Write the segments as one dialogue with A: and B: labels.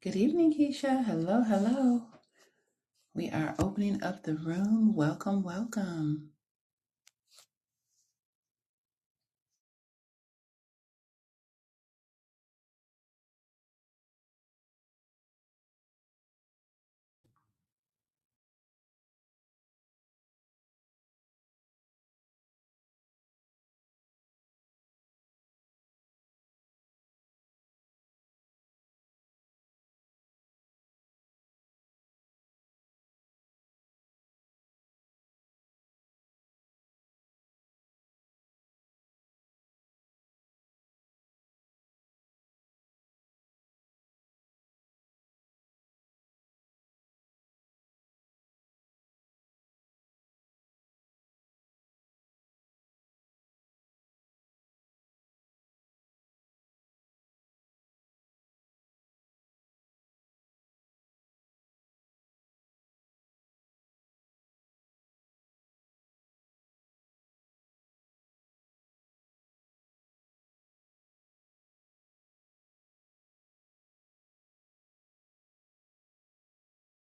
A: Good evening, Keisha. Hello, hello. We are opening up the room. Welcome, welcome.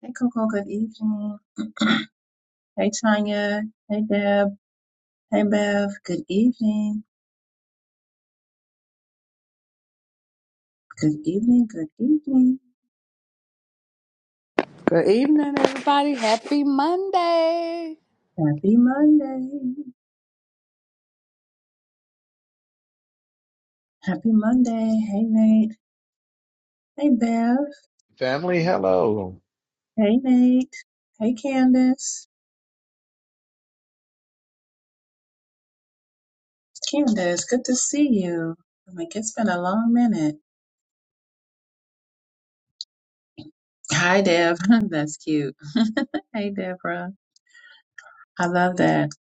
A: Hey, Coco. Good evening. Hey, Tanya. Hey, Deb. Hey, Bev. Good evening. Good evening. Good evening.
B: Good evening, everybody. Happy Monday.
A: Happy Monday. Happy Monday. Hey, Nate. Hey, Bev.
C: Family, hello.
A: Hey, Nate. Hey, Candace. Candace, good to see you. I'm like, it's been a long minute. Hi, Deb. That's cute. Hey, Deborah. I love that.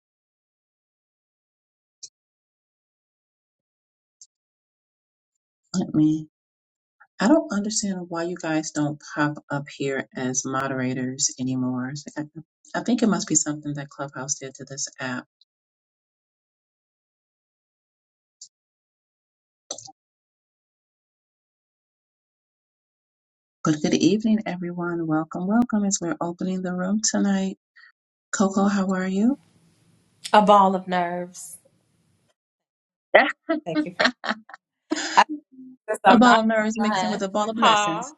A: I don't understand why you guys don't pop up here as moderators anymore. It's like, I I think it must be something that Clubhouse did to this app. But good evening, everyone. Welcome, welcome. As we're opening the room tonight, Coco, how are you?
D: A ball of nerves.
A: Yeah.
D: Thank you for. I,
A: A
D: I'm
A: ball
D: not
A: of nerves mixed in
D: crying.
A: with a ball of
D: Huh?
A: blessings.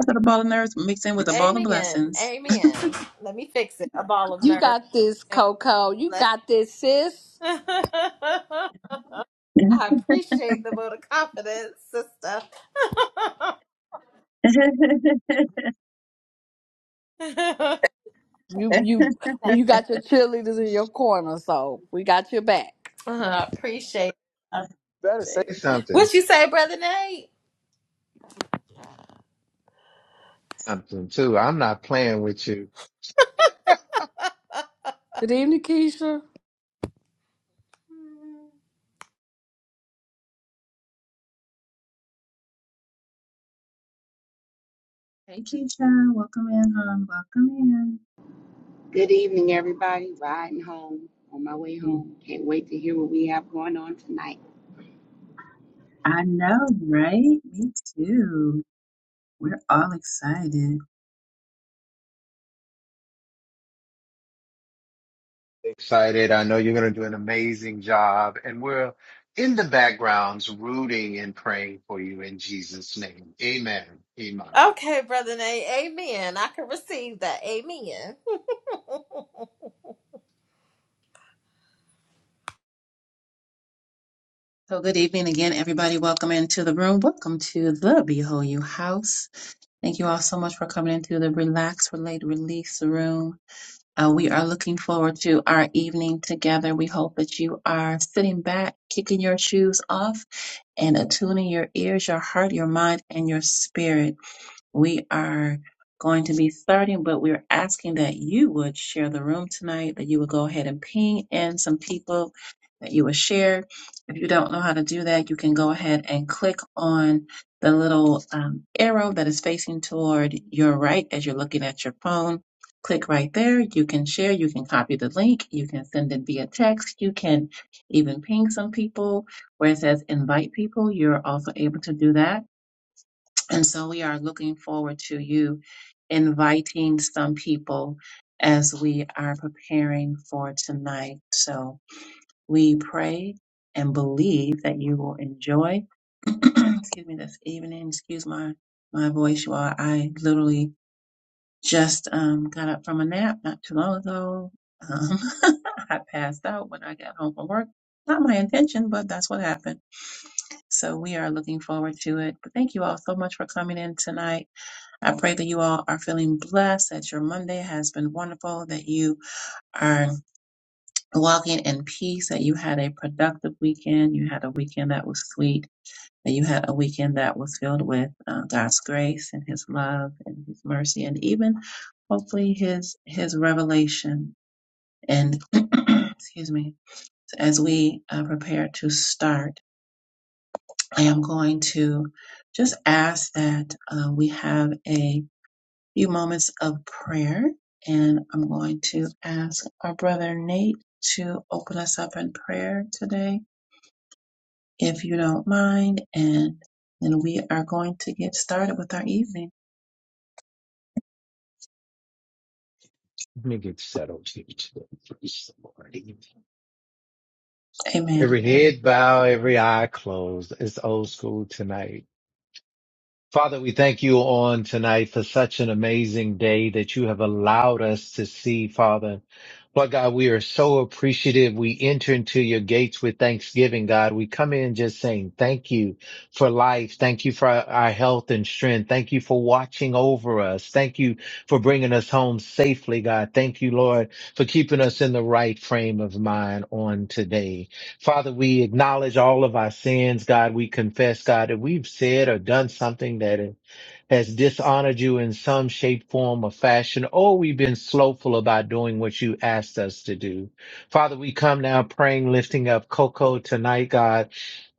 A: I said a ball of nerves mixed in with a ball of
D: Amen.
A: blessings.
D: Amen. Let me fix it. A ball of
B: You
D: nerves.
B: got this,
D: and
B: Coco. You
D: bless-
B: got this, sis.
D: I appreciate the vote of confidence, sister.
B: You you well, you got your cheerleaders in your corner, so we got your back.
D: I appreciate. It. I appreciate
C: Better say
D: it.
C: something.
D: What you say, brother Nate?
C: Something too. I'm not playing with you.
B: Good evening, Keisha.
A: Hey, Keisha, welcome in, hon. Welcome
E: Good evening, everybody. Riding home on my way
A: in.
E: home. Can't wait to hear what we have going on tonight.
A: I know, right? Me too. We're all excited.
C: Excited. I know you're going to do an amazing job. And we're in the backgrounds rooting and praying for you in Jesus' name. Amen. Amen.
D: Okay, brother Nate. Amen. I can receive that. Amen.
A: So, good evening again, everybody. Welcome into the room. Welcome to the Behold You House. Thank you all so much for coming into the Relax, Relate, Release room. Uh, we are looking forward to our evening together. We hope that you are sitting back, kicking your shoes off, and attuning your ears, your heart, your mind, and your spirit We are going to be starting, but we're asking that you would share the room tonight, that you would go ahead and ping in some people that you would share. If you don't know how to do that, you can go ahead and click on the little um, arrow that is facing toward your right as you're looking at your phone. Click right there. You can share. You can copy the link. You can send it via text. You can even ping some people where it says invite people. You're also able to do that and so we are looking forward to you inviting some people as we are preparing for tonight. So we pray and believe that you will enjoy, excuse me, this evening. Excuse my, my voice, you all. I literally just um, got up from a nap not too long ago. Um, I passed out when I got home from work. Not my intention, but that's what happened. So we are looking forward to it. But thank you all so much for coming in tonight. I pray that you all are feeling blessed, that your Monday has been wonderful, that you are walking in peace, that you had a productive weekend, you had a weekend that was sweet, that you had a weekend that was filled with uh, God's grace and His love and His mercy, and even hopefully His His revelation. And excuse me, as we uh, prepare to start, I am going to just ask that uh, we have a few moments of prayer, and I'm going to ask our brother Nate to open us up in prayer today, if you don't mind, and then we are going to get started with our evening.
C: Let me get settled here today. Praise the Lord.
A: Amen.
C: Every head bow, every eye closed. It's old school tonight. Father, we thank you on tonight for such an amazing day that you have allowed us to see, Father. Lord God, we are so appreciative. We enter into your gates with thanksgiving, God. We come in just saying thank you for life. Thank you for our our health and strength. Thank you for watching over us. Thank you for bringing us home safely, God. Thank you, Lord, for keeping us in the right frame of mind on today. Father, we acknowledge all of our sins, God. We confess, God, that we've said or done something that has dishonored you in some shape, form, or fashion, or we've been slowful about doing what you asked us to do. Father, we come now praying, lifting up Coco tonight, God.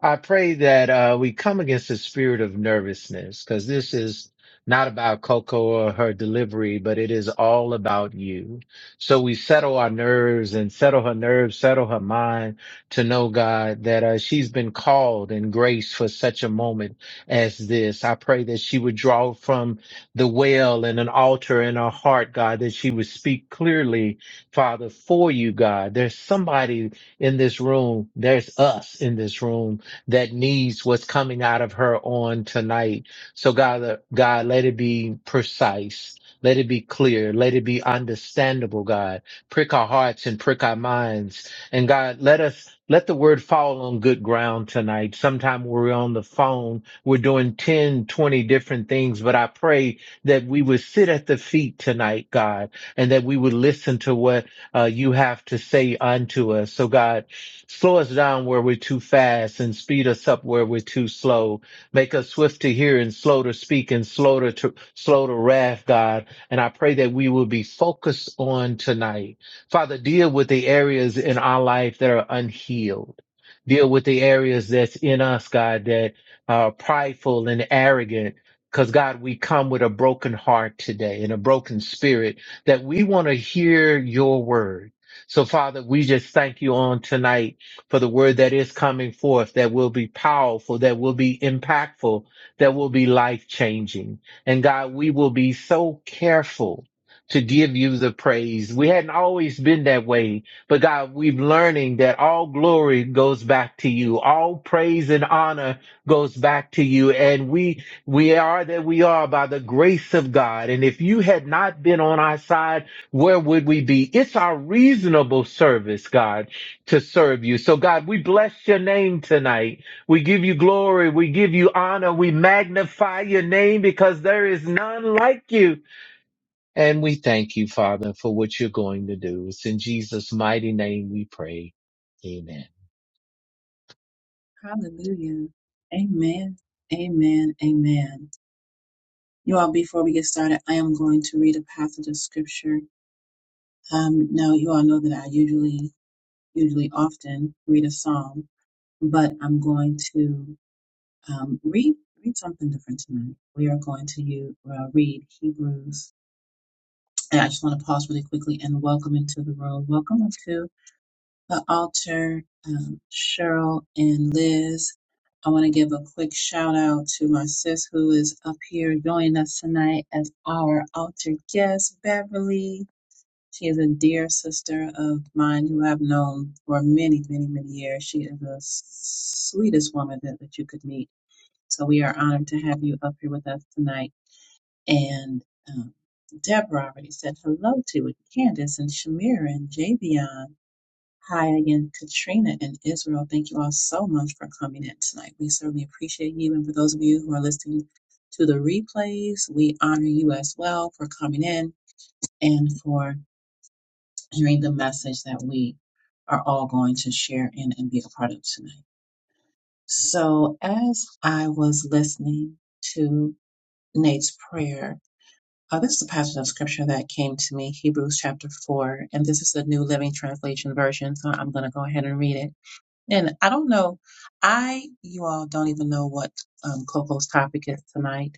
C: I pray that uh, we come against the spirit of nervousness because this is not about Coco or her delivery, but it is all about you. So we settle our nerves and settle her nerves, settle her mind to know, God, that uh, she's been called in grace for such a moment as this. I pray that she would draw from the well and an altar in her heart, God, that she would speak clearly, Father, for you, God. There's somebody in this room. There's us in this room that needs what's coming out of her on tonight. So God, uh, God, let it be precise. Let it be clear. Let it be understandable, God. Prick our hearts and prick our minds. And God, let us, let the word fall on good ground tonight. Sometime we're on the phone. We're doing 10, 20 different things, but I pray that we would sit at the feet tonight, God, and that we would listen to what uh, you have to say unto us. So God, Slow us down where we're too fast and speed us up where we're too slow. Make us swift to hear and slow to speak and slow to, to slow to wrath, God. And I pray that we will be focused on tonight. Father, deal with the areas in our life that are unhealed. Deal with the areas that's in us, God, that are prideful and arrogant. Cause God, we come with a broken heart today and a broken spirit that we want to hear your word. So Father, we just thank you on tonight for the word that is coming forth that will be powerful, that will be impactful, that will be life changing. And God, we will be so careful to give you the praise. We hadn't always been that way, but God, we've learning that all glory goes back to you. All praise and honor goes back to you. And we, we are that we are by the grace of God. And if you had not been on our side, where would we be? It's our reasonable service, God to serve you. So God, we bless your name tonight. We give you glory. We give you honor. We magnify your name because there is none like you. And we thank you, Father, for what you're going to do. It's in Jesus' mighty name we pray. Amen.
A: Hallelujah. Amen. Amen. Amen. You all, before we get started, I am going to read a passage of scripture. Um, now, you all know that I usually, usually often read a psalm, but I'm going to Um, read read something different tonight. We are going to you uh, read Hebrews. And I just want to pause really quickly and welcome into the room. Welcome up to the altar, um, Cheryl and Liz. I want to give a quick shout out to my sis who is up here joining us tonight as our altar guest, Beverly. She is a dear sister of mine who I've known for many, many, many years. She is the sweetest woman that, that you could meet so we are honored to have you up here with us tonight. And um, Deborah already said hello to it. Candace and Shamira and Javion. Hi again, Katrina and Israel. Thank you all so much for coming in tonight. We certainly appreciate you. And for those of you who are listening to the replays, we honor you as well for coming in and for hearing the message that we are all going to share in and be a part of tonight. So as I was listening to. Nate's prayer. Uh, this is a passage of scripture that came to me, Hebrews chapter 4, and this is the New Living Translation version, so I'm going to go ahead and read it. And I don't know, I, you all don't even know what um, Coco's topic is tonight,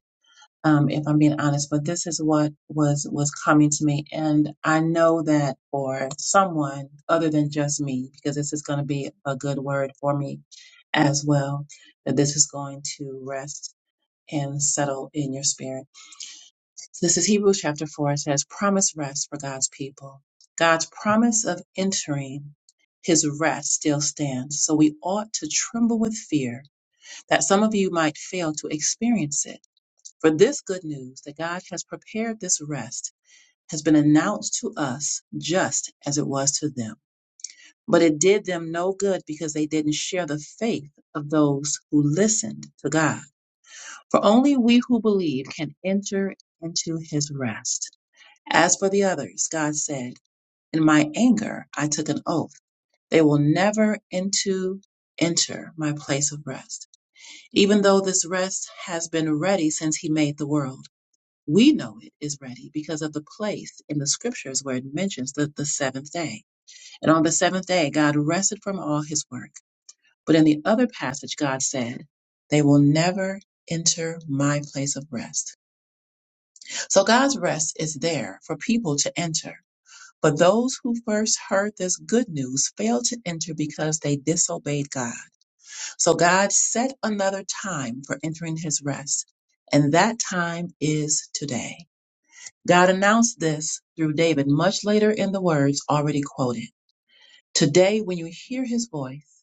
A: um, if I'm being honest, but this is what was, was coming to me. And I know that for someone other than just me, because this is going to be a good word for me as well, that this is going to rest and settle in your spirit. So this is Hebrews chapter 4. It says, promised rest for God's people. God's promise of entering his rest still stands. So we ought to tremble with fear that some of you might fail to experience it. For this good news that God has prepared this rest has been announced to us just as it was to them. But it did them no good because they didn't share the faith of those who listened to God. For only we who believe can enter into his rest. As for the others, God said, In my anger I took an oath. They will never into enter my place of rest. Even though this rest has been ready since he made the world. We know it is ready because of the place in the scriptures where it mentions the, the seventh day. And on the seventh day, God rested from all his work. But in the other passage, God said, They will never enter my place of rest. So God's rest is there for people to enter But those who first heard this good news failed to enter because they disobeyed God. So God set another time for entering his rest, and that time is today. God announced this through David much later in the words already quoted. Today, when you hear his voice,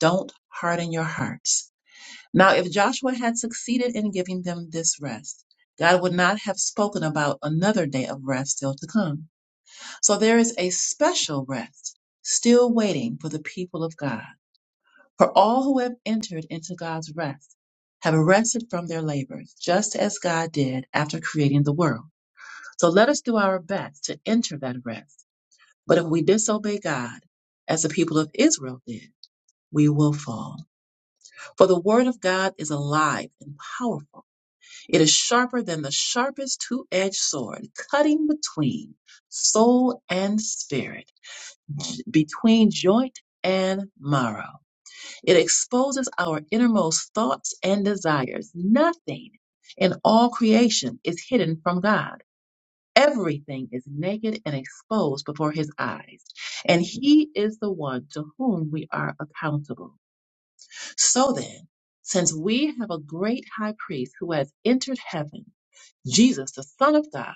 A: don't harden your hearts. Now, if Joshua had succeeded in giving them this rest, God would not have spoken about another day of rest still to come. So there is a special rest still waiting for the people of God. For all who have entered into God's rest have rested from their labors, just as God did after creating the world. So let us do our best to enter that rest. But if we disobey God, as the people of Israel did, we will fall. For the word of God is alive and powerful. It is sharper than the sharpest two edged sword, cutting between soul and spirit between joint and marrow. It exposes our innermost thoughts and desires. Nothing in all creation is hidden from God. Everything is naked and exposed before his eyes, and he is the one to whom we are accountable. So then, since we have a great high priest who has entered heaven, Jesus, the Son of God,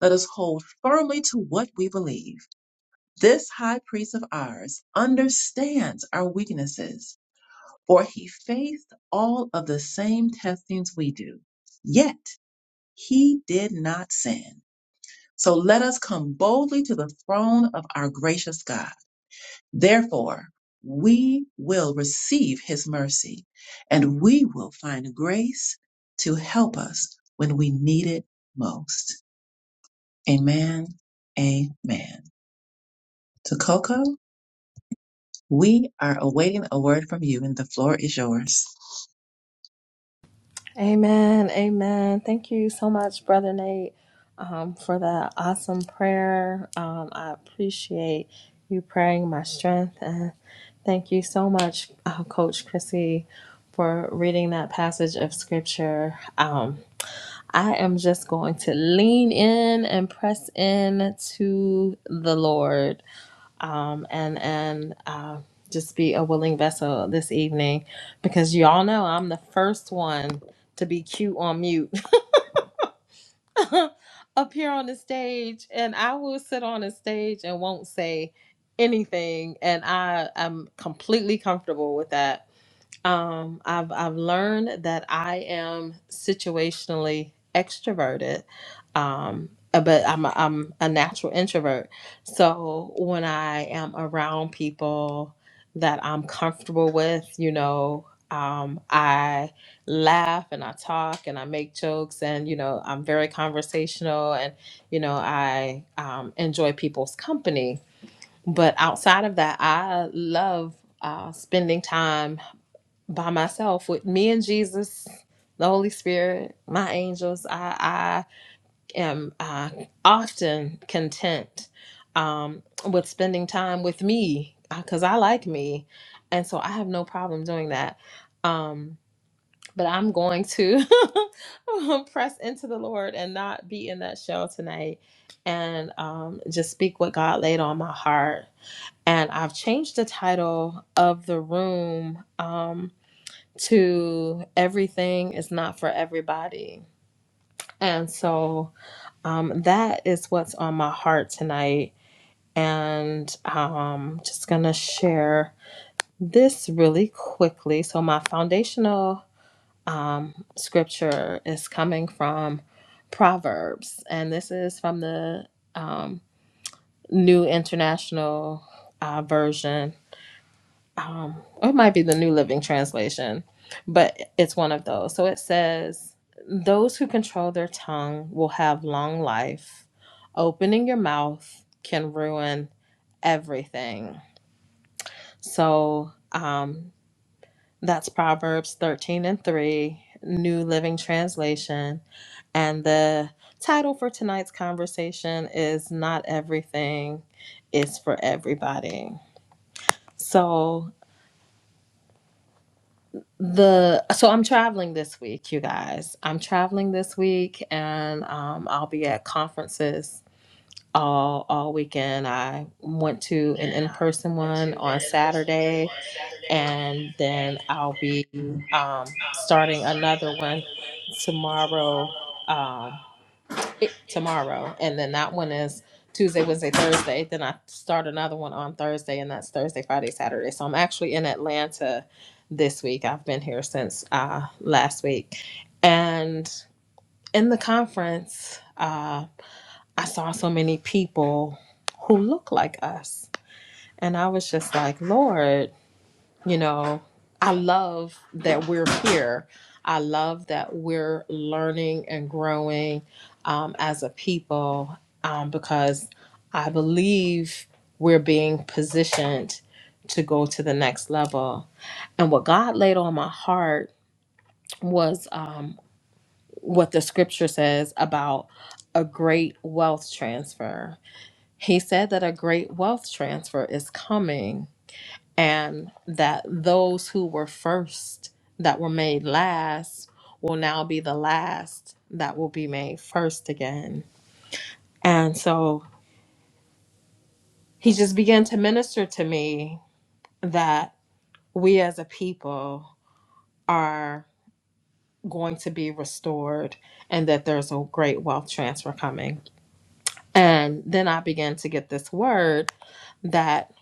A: let us hold firmly to what we believe. This high priest of ours understands our weaknesses, for he faced all of the same testings we do. Yet he did not sin. So let us come boldly to the throne of our gracious God. Therefore, we will receive his mercy and we will find grace to help us when we need it most. Amen. Amen. To Coco. We are awaiting a word from you, and the floor is yours.
D: Amen. Amen. Thank you so much, Brother Nate, um, for that awesome prayer. Um, I appreciate you praying my strength. And thank you so much, uh, Coach Chrissy, for reading that passage of scripture. Um, I am just going to lean in and press in to the Lord um, and and uh, just be a willing vessel this evening because y'all know I'm the first one to be cute on mute up here on the stage, and I will sit on the stage and won't say anything, and I am completely comfortable with that um, I've I've learned that I am situationally extroverted, um, uh, but I'm a, I'm a natural introvert. So when I am around people that I'm comfortable with, you know, um, I laugh and I talk and I make jokes and you know I'm very conversational and you know I um, enjoy people's company. But outside of that, I love uh, spending time by myself with me and Jesus, the Holy Spirit, my angels. I, I am uh, often content um, with spending time with me because I like me. And so I have no problem doing that. Um, but I'm going to press into the Lord and not be in that shell tonight and um, just speak what God laid on my heart. And I've changed the title of the room. Um, to everything is not for everybody. And so um, that is what's on my heart tonight. And um, just going to share this really quickly. So, my foundational um, scripture is coming from Proverbs, and this is from the um, New International uh, Version. um, or it might be the New Living Translation, but it's one of those. So it says, Those who control their tongue will have long life. Opening your mouth can ruin everything. So um, that's Proverbs 13 and 3, New Living Translation. And the title for tonight's conversation is Not Everything is for Everybody. So the so I'm traveling this week, you guys. I'm traveling this week, and um, I'll be at conferences all all weekend. I went to an in person one on Saturday, and then I'll be um, starting another one tomorrow. Um, tomorrow, and then that one is Tuesday, Wednesday, Thursday. Then I start another one on Thursday, and that's Thursday, Friday, Saturday. So I'm actually in Atlanta this week. I've been here since uh, last week, and in the conference, uh, I saw so many people who look like us, and I was just like, Lord you know i love that we're here i love that we're learning and growing um, as a people um, because i believe we're being positioned to go to the next level and what god laid on my heart was um, what the scripture says about a great wealth transfer he said that a great wealth transfer is coming and that those who were first that were made last will now be the last that will be made first again. And so he just began to minister to me that we as a people are going to be restored and that there's a great wealth transfer coming. And then I began to get this word that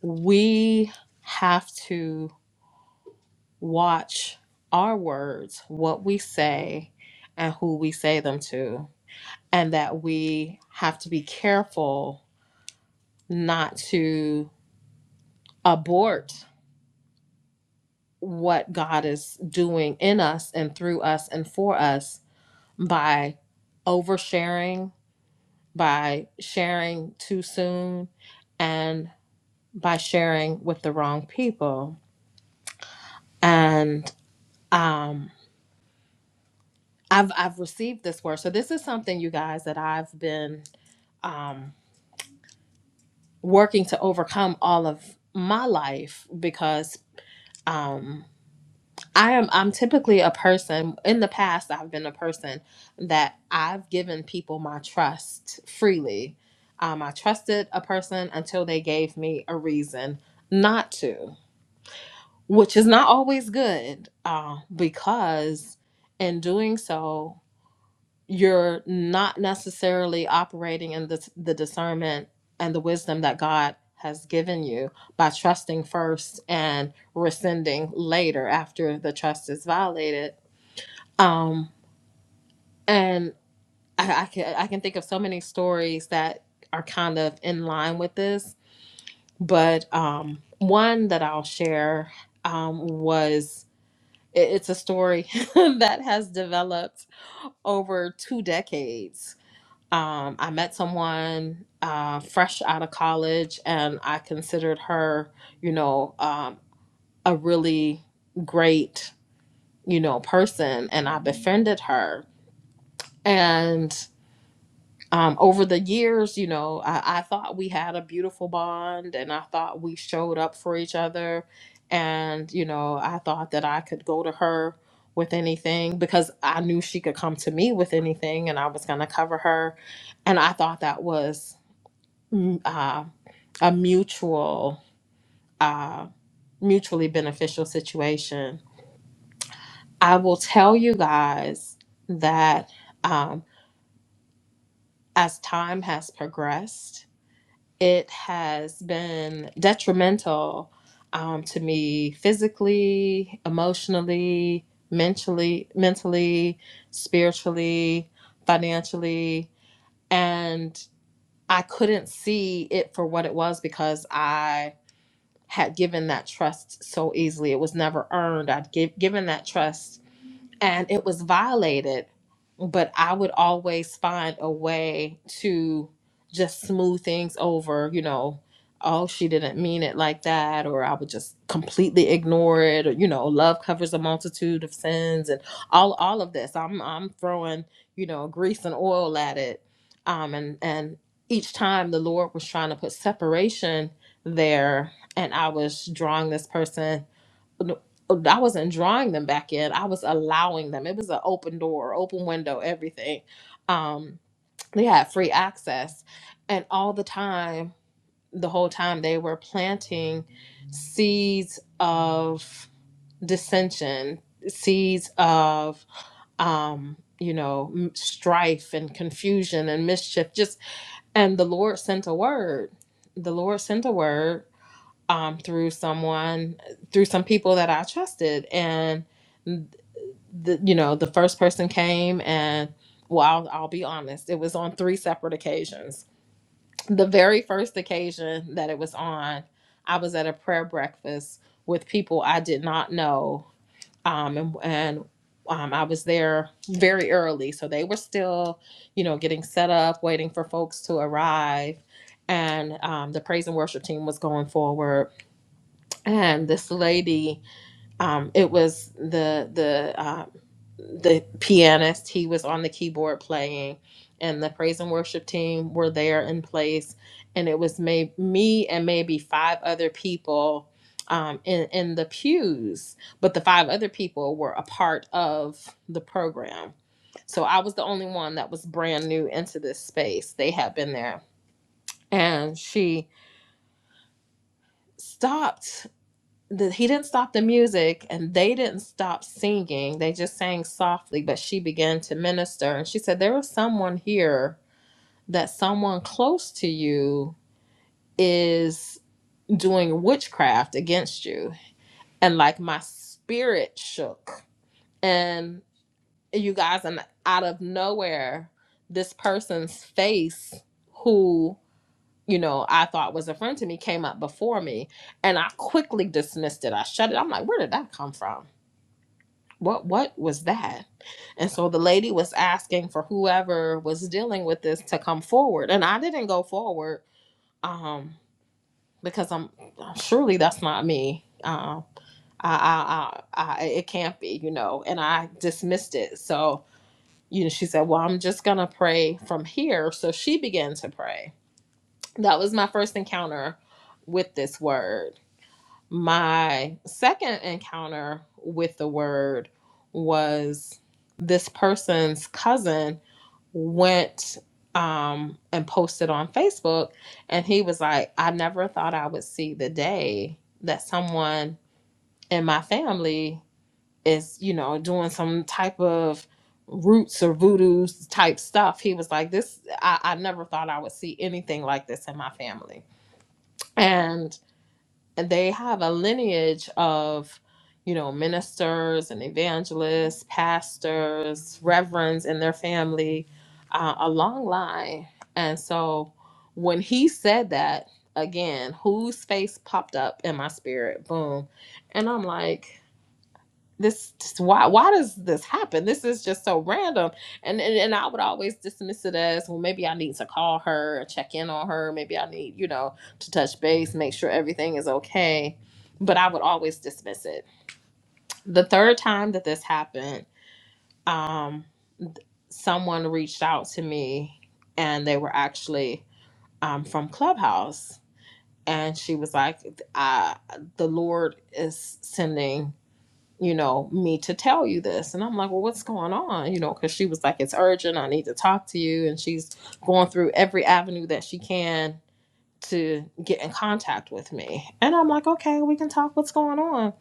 D: we have to watch our words, what we say, and who we say them to, and that we have to be careful not to abort what God is doing in us and through us and for us by oversharing, by sharing too soon, and by sharing with the wrong people. And um, I've I've received this word. So this is something you guys that I've been um, working to overcome all of my life because um, I am I'm typically a person in the past I've been a person that I've given people my trust freely. Um, I trusted a person until they gave me a reason not to, which is not always good uh, because in doing so you're not necessarily operating in the, the discernment and the wisdom that God has given you by trusting first and rescinding later after the trust is violated. Um, and I, I can I can think of so many stories that are kind of in line with this, but um, one that I'll share um, was it, it's a story that has developed over two decades Um, I met someone uh, fresh out of college, and I considered her, you know, um, a really great, you know, person, and I befriended her. And um, over the years, you know, I, I thought we had a beautiful bond, and I thought we showed up for each other, and you know, I thought that I could go to her with anything because I knew she could come to me with anything, and I was going to cover her and I thought that was mm, uh, a mutual, uh, mutually beneficial situation. I will tell you guys that um, as time has progressed, it has been detrimental um, to me physically, emotionally, mentally, mentally, spiritually, financially, and I couldn't see it for what it was because I had given that trust so easily. It was never earned. I'd give, given that trust and it was violated but i would always find a way to just smooth things over you know oh she didn't mean it like that or i would just completely ignore it or you know love covers a multitude of sins and all all of this i'm i'm throwing you know grease and oil at it um and and each time the lord was trying to put separation there and i was drawing this person I wasn't drawing them back in. I was allowing them. It was an open door, open window, everything. Um, they had free access. And all the time, the whole time, they were planting seeds of dissension, seeds of, um, you know, m- strife and confusion and mischief. Just, and the Lord sent a word. The Lord sent a word um, through someone, through some people that I trusted. And, the, you know, the first person came and, well, I'll, I'll be honest, it was on three separate occasions. The very first occasion that it was on, I was at a prayer breakfast with people I did not know. Um, and, and um, I was there very early. So they were still, you know, getting set up, waiting for folks to arrive. And um, the praise and worship team was going forward and this lady um it was the the um the pianist he was on the keyboard playing and the praise and worship team were there in place and it was may- me and maybe five other people um, in, in the pews but the five other people were a part of the program so i was the only one that was brand new into this space they had been there and she stopped the, he didn't stop the music and they didn't stop singing. They just sang softly, but she began to minister. And she said, There is someone here that someone close to you is doing witchcraft against you. And like my spirit shook. And you guys, and out of nowhere, this person's face, who, you know, I thought was a friend to me, came up before me. And I quickly dismissed it. I shut it. I'm like, Where did that come from? what what was that and so the lady was asking for whoever was dealing with this to come forward and i didn't go forward um because i'm uh, surely that's not me um i i i, I it can't be you know and i dismissed it so you know she said well i'm just gonna pray from here so she began to pray that was my first encounter with this word my second encounter with the word was this person's cousin went um, and posted on Facebook, and he was like, I never thought I would see the day that someone in my family is, you know, doing some type of roots or voodoo type stuff. He was like, This, I, I never thought I would see anything like this in my family. and they have a lineage of you know ministers and evangelists pastors reverends in their family uh, a long line and so when he said that again whose face popped up in my spirit boom and i'm like this just why why does this happen this is just so random and, and and i would always dismiss it as well maybe i need to call her or check in on her maybe i need you know to touch base make sure everything is okay but i would always dismiss it the third time that this happened um someone reached out to me and they were actually um from clubhouse and she was like i the lord is sending you know, me to tell you this. And I'm like, well, what's going on? You know, because she was like, it's urgent. I need to talk to you. And she's going through every avenue that she can to get in contact with me. And I'm like, okay, we can talk. What's going on?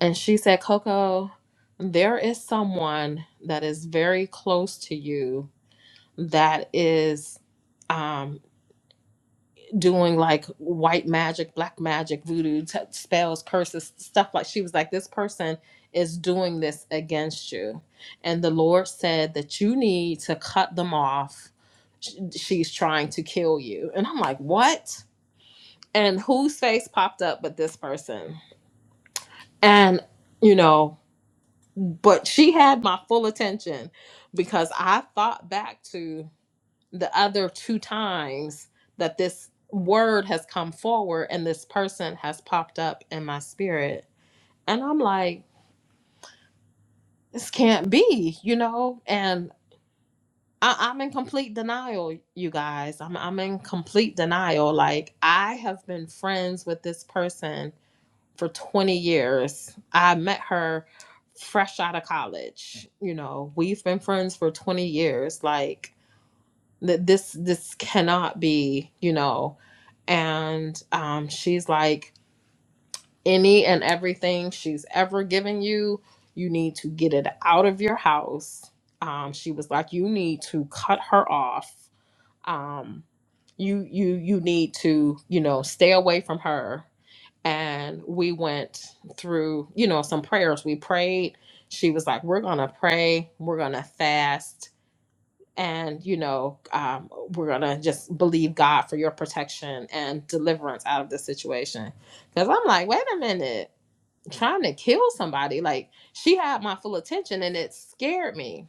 D: And she said, Coco, there is someone that is very close to you that is. um, doing like white magic, black magic, voodoo t- spells, curses, stuff like she was like this person is doing this against you. And the Lord said that you need to cut them off. Sh- She's trying to kill you. And I'm like, "What?" And whose face popped up but this person? And you know, but she had my full attention because I thought back to the other two times that this word has come forward and this person has popped up in my spirit. And I'm like, this can't be, you know? And I, I'm in complete denial, you guys. I'm, I'm in complete denial. Like, I have been friends with this person for 20 years. I met her fresh out of college. You know, we've been friends for 20 years. Like, that this this cannot be you know and um she's like any and everything she's ever given you you need to get it out of your house um she was like you need to cut her off um you you you need to you know stay away from her and we went through you know some prayers we prayed she was like we're gonna pray we're gonna fast and you know um, we're gonna just believe god for your protection and deliverance out of this situation because i'm like wait a minute trying to kill somebody like she had my full attention and it scared me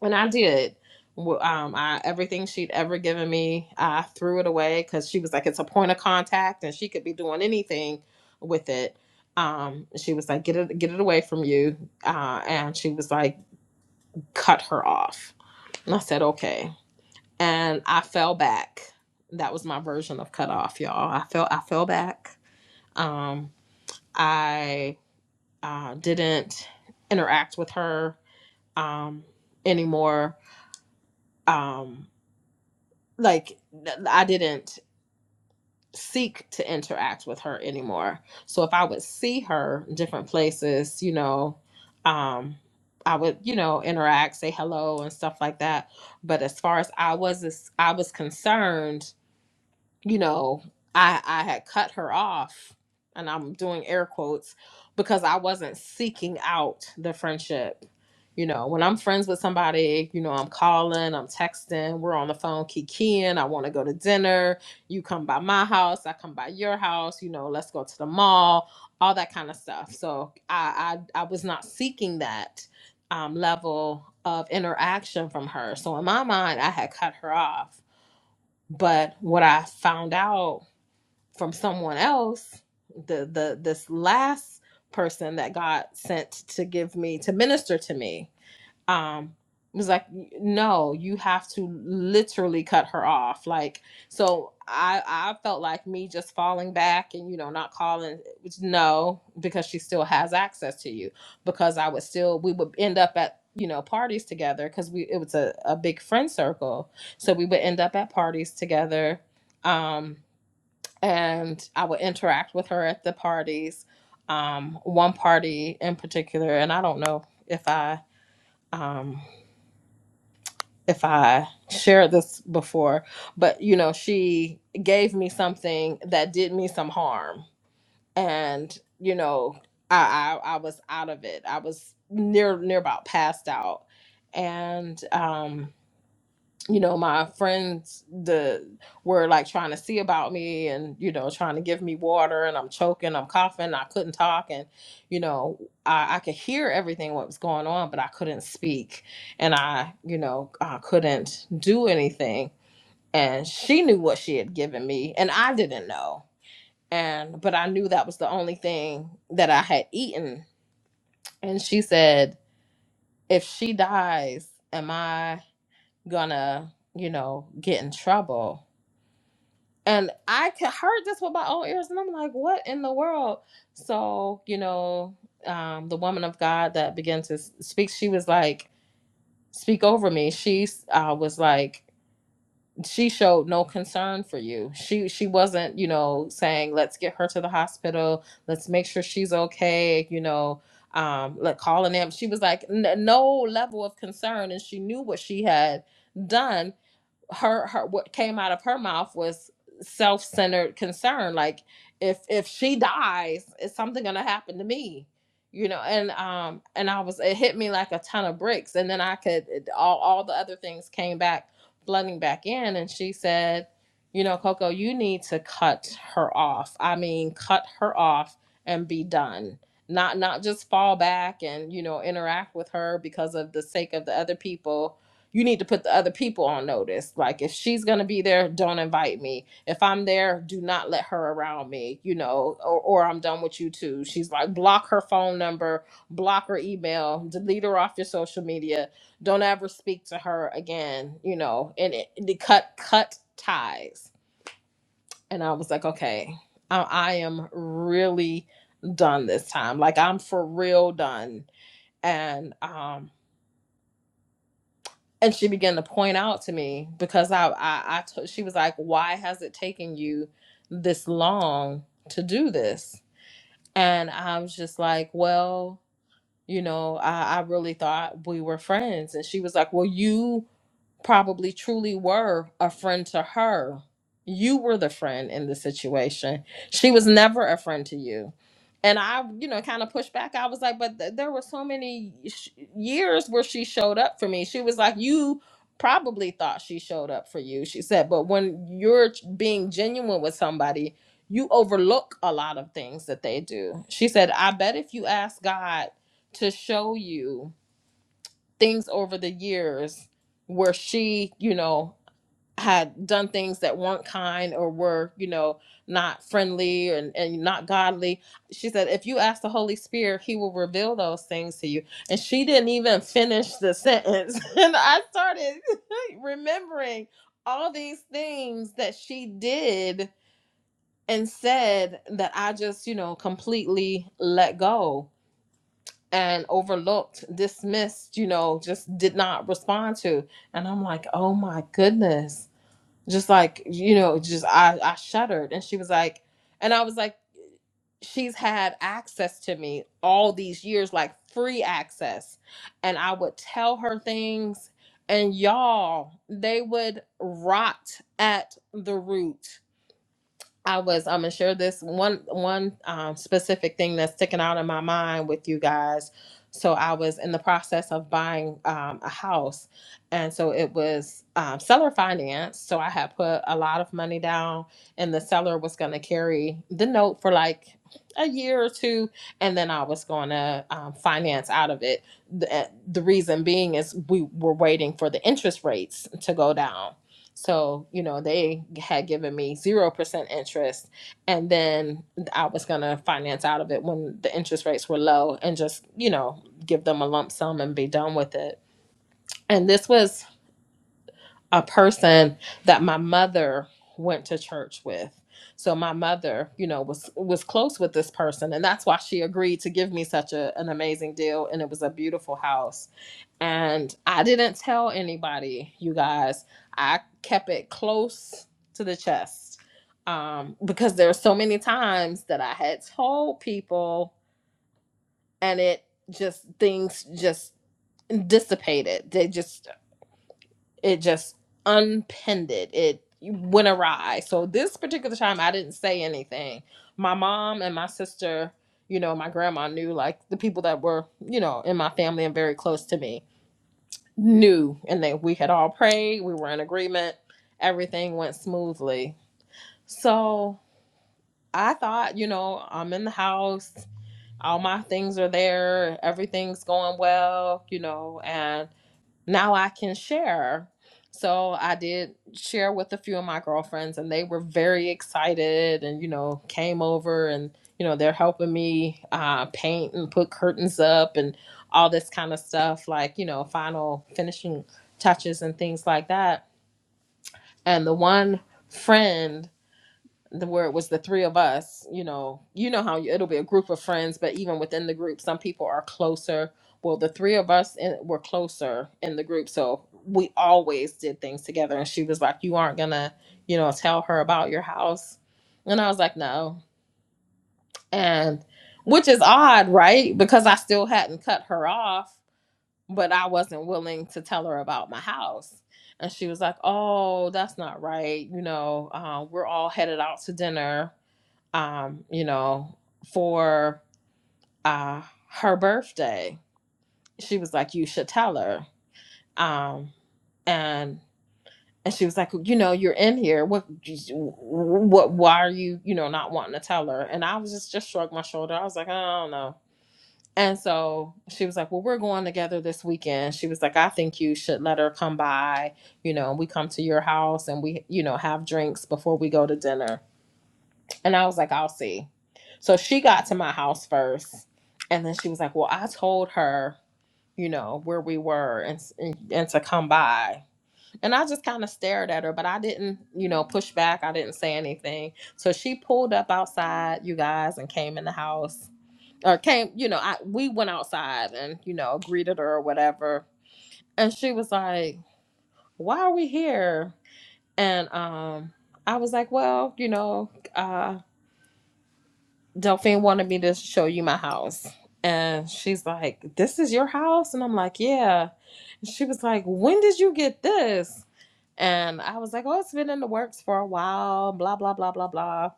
D: and i did Wh- um, I, everything she'd ever given me i threw it away because she was like it's a point of contact and she could be doing anything with it um, she was like get it get it away from you uh, and she was like cut her off and i said okay and I fell back. That was my version of cut off, y'all. I fell I fell back. Um, I uh, didn't interact with her um, anymore. Um, like I I didn't seek to interact with her anymore. So if I would see her in different places, you know, um, I would you know interact, say hello and stuff like that. But as far as I was I was concerned, you know, I I had cut her off and I'm doing air quotes because I wasn't seeking out the friendship. You know, when I'm friends with somebody, you know, I'm calling, I'm texting, we're on the phone kikiing, I want to go to dinner, you come by my house, I come by your house, you know, let's go to the mall, all that kind of stuff. So I I, I was not seeking that um, level of interaction from her. So in my mind, I had cut her off but what I found out from someone else, the the this last person that God sent to give me to minister to me, um it was like no you have to literally cut her off like so i i felt like me just falling back and you know not calling which no because she still has access to you because i would still we would end up at you know parties together because we it was a, a big friend circle so we would end up at parties together um and i would interact with her at the parties um one party in particular and i don't know if i um if I shared this before, but you know, she gave me something that did me some harm, and you know, I I, I was out of it. I was near near about passed out, and um you know my friends the were like trying to see about me and you know trying to give me water and i'm choking i'm coughing i couldn't talk and you know i, I could hear everything what was going on but i couldn't speak and i you know i couldn't do anything and she knew what she had given me and i didn't know and but i knew that was the only thing that i had eaten and she said if she dies am i gonna you know get in trouble And I ca- heard this with my own ears, and I'm like, what in the world? So, you know, um, the woman of God that began to s- speak, she was like, speak over me. She uh, was like, she showed no concern for you. She she wasn't, you know, saying let's get her to the hospital, let's make sure she's okay, you know, um, let call an ambulance. She was like n- no level of concern, and she knew what she had done her her what came out of her mouth was self-centered concern like if if she dies is something gonna happen to me you know and um and i was it hit me like a ton of bricks and then i could it, all all the other things came back flooding back in and she said you know coco you need to cut her off i mean cut her off and be done not not just fall back and you know interact with her because of the sake of the other people you need to put the other people on notice. Like if she's gonna be there, don't invite me. If I'm there, do not let her around me, you know, or, or I'm done with you too. She's like block her phone number, block her email, delete her off your social media, don't ever speak to her again, you know, and it, it cut cut ties. And I was like, okay, I, I am really done this time. Like I'm for real done. And um and she began to point out to me because I, I, I t- she was like, why has it taken you this long to do this? And I was just like, well, you know, I, I really thought we were friends. And she was like, well, you probably truly were a friend to her. You were the friend in the situation. She was never a friend to you. And I, you know, kind of pushed back. I was like, but th- there were so many sh- years where she showed up for me. She was like, you probably thought she showed up for you. She said, but when you're being genuine with somebody, you overlook a lot of things that they do. She said, I bet if you ask God to show you things over the years where she, you know, had done things that weren't kind or were, you know, not friendly and, and not godly. She said, if you ask the Holy Spirit, he will reveal those things to you. And she didn't even finish the sentence. and I started remembering all these things that she did and said that I just, you know, completely let go and overlooked, dismissed, you know, just did not respond to. And I'm like, oh my goodness. Just like, you know, just I, I shuddered. And she was like, and I was like, she's had access to me all these years, like free access. And I would tell her things, and y'all, they would rot at the root I was I'm um, sure this one one um, specific thing that's sticking out in my mind with you guys. So I was in the process of buying um, a house, and so it was um, seller finance. So I had put a lot of money down, and the seller was going to carry the note for like a year or two, and then I was going to um, finance out of it. The, the reason being is we were waiting for the interest rates to go down. So, you know, they had given me 0% interest. And then I was going to finance out of it when the interest rates were low and just, you know, give them a lump sum and be done with it. And this was a person that my mother went to church with. So my mother, you know, was was close with this person and that's why she agreed to give me such a, an amazing deal and it was a beautiful house and I didn't tell anybody, you guys. I kept it close to the chest um, because there were so many times that I had told people, and it just things just dissipated. They just it just unpinned it. It went awry. So this particular time, I didn't say anything. My mom and my sister. You know, my grandma knew like the people that were, you know, in my family and very close to me knew and that we had all prayed, we were in agreement, everything went smoothly. So I thought, you know, I'm in the house, all my things are there, everything's going well, you know, and now I can share. So I did share with a few of my girlfriends, and they were very excited and, you know, came over and, you know, they're helping me uh, paint and put curtains up and all this kind of stuff, like, you know, final finishing touches and things like that. And the one friend the where it was the three of us you know you know how it'll be a group of friends but even within the group some people are closer well the three of us in, were closer in the group so we always did things together and she was like you aren't gonna you know tell her about your house and i was like no and which is odd right because i still hadn't cut her off but i wasn't willing to tell her about my house and she was like oh that's not right you know uh, we're all headed out to dinner um, you know, for uh, her birthday. She was like, "You should tell her." Um, and and she was like, "You know, you're in here. What, what? Why are you, you know, not wanting to tell her?" And I was just just shrugged my shoulder. I was like, "I don't know." And so she was like, "Well, we're going together this weekend." She was like, "I think you should let her come by. You know, we come to your house and we, you know, have drinks before we go to dinner." And I was like, I'll see. So she got to my house first. And then she was like, Well, I told her, you know, where we were and, and and to come by. And I just kind of stared at her, but I didn't, you know, push back. I didn't say anything. So she pulled up outside, you guys, and came in the house or came, you know, I, we went outside and, you know, greeted her or whatever. And she was like, Why are we here? And um, I was like, Well, you know, uh, Delphine wanted me to show you my house. And she's like, This is your house? And I'm like, Yeah. And she was like, When did you get this? And I was like, Oh, it's been in the works for a while, blah, blah, blah, blah, blah.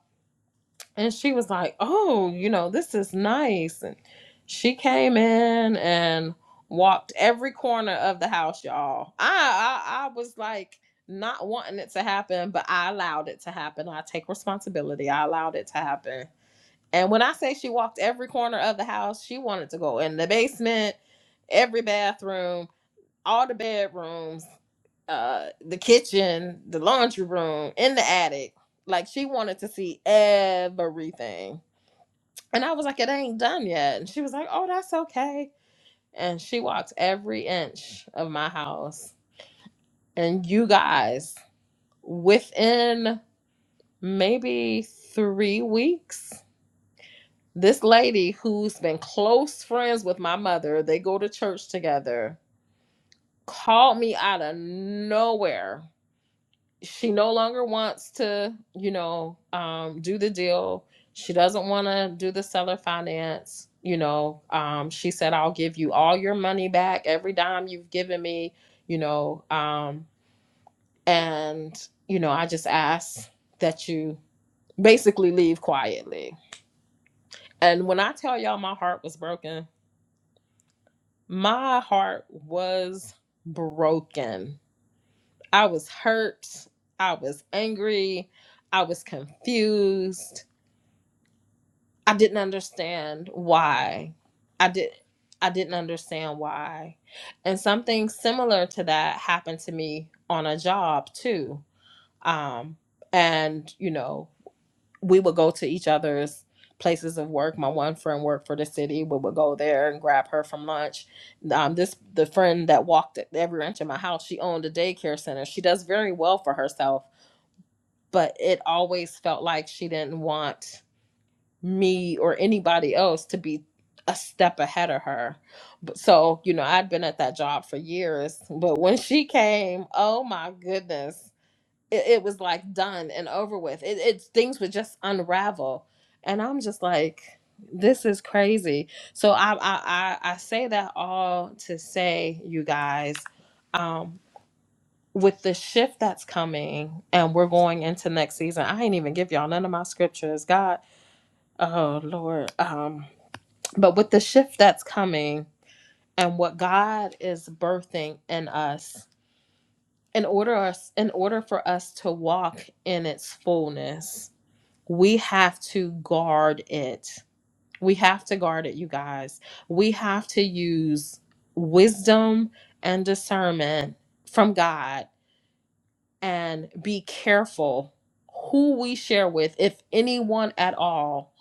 D: And she was like, Oh, you know, this is nice. And she came in and walked every corner of the house, y'all. I I, I was like not wanting it to happen, but I allowed it to happen. I take responsibility. I allowed it to happen and when I say she walked every corner of the house, she wanted to go in the basement, every bathroom, all the bedrooms, uh, the kitchen, the laundry room, in the attic. Like she wanted to see everything. And I was like, it ain't done yet. And she was like, oh, that's okay. And she walked every inch of my house. And you guys, within maybe three weeks, This lady who's been close friends with my mother, they go to church together, called me out of nowhere. She no longer wants to, you know, um, do the deal. She doesn't want to do the seller finance. You know, um, she said, I'll give you all your money back, every dime you've given me, you know. Um, and, you know, I just asked that you basically leave quietly. And when I tell y'all my heart was broken, my heart was broken. I was hurt. I was angry. I was confused. I didn't understand why. I did I didn't understand why. And something similar to that happened to me on a job too. Um and you know we would go to each other's places of work. My one friend worked for the city. We would go there and grab her from lunch. Um, this the friend that walked every inch of my house. She owned a daycare center. She does very well for herself, but it always felt like she didn't want me or anybody else to be a step ahead of her. But so you know, I'd been at that job for years, but when she came, oh my goodness it, it was like done and over with. It, it things would just unravel, and I'm just like, this is crazy. So I I I, I say that all to say, you guys, um, with the shift that's coming, and we're going into next season. I ain't even give y'all none of my scriptures. God, oh Lord, um, but with the shift that's coming and what God is birthing in us. In order us in order for us to walk in its fullness we have to guard it. We have to guard it, you guys. We have to use wisdom and discernment from God and be careful who we share with, if anyone at all.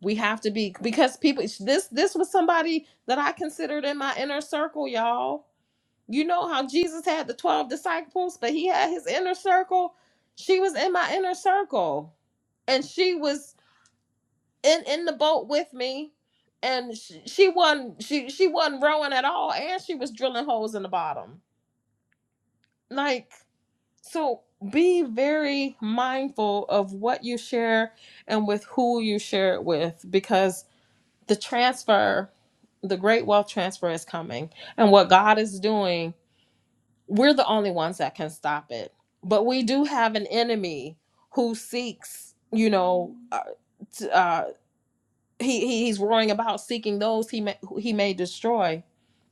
D: We have to be because people this this was somebody that I considered in my inner circle, y'all. You know how Jesus had the 12 disciples, but he had his inner circle. She was in my inner circle and she was in in the boat with me and she, she wasn't she she wasn't rowing at all and she was drilling holes in the bottom like so be very mindful of what you share and with who you share it with because the transfer the great wealth transfer is coming and what god is doing we're the only ones that can stop it but we do have an enemy who seeks you know uh, t- uh, he, he he's roaring about seeking those he may he may destroy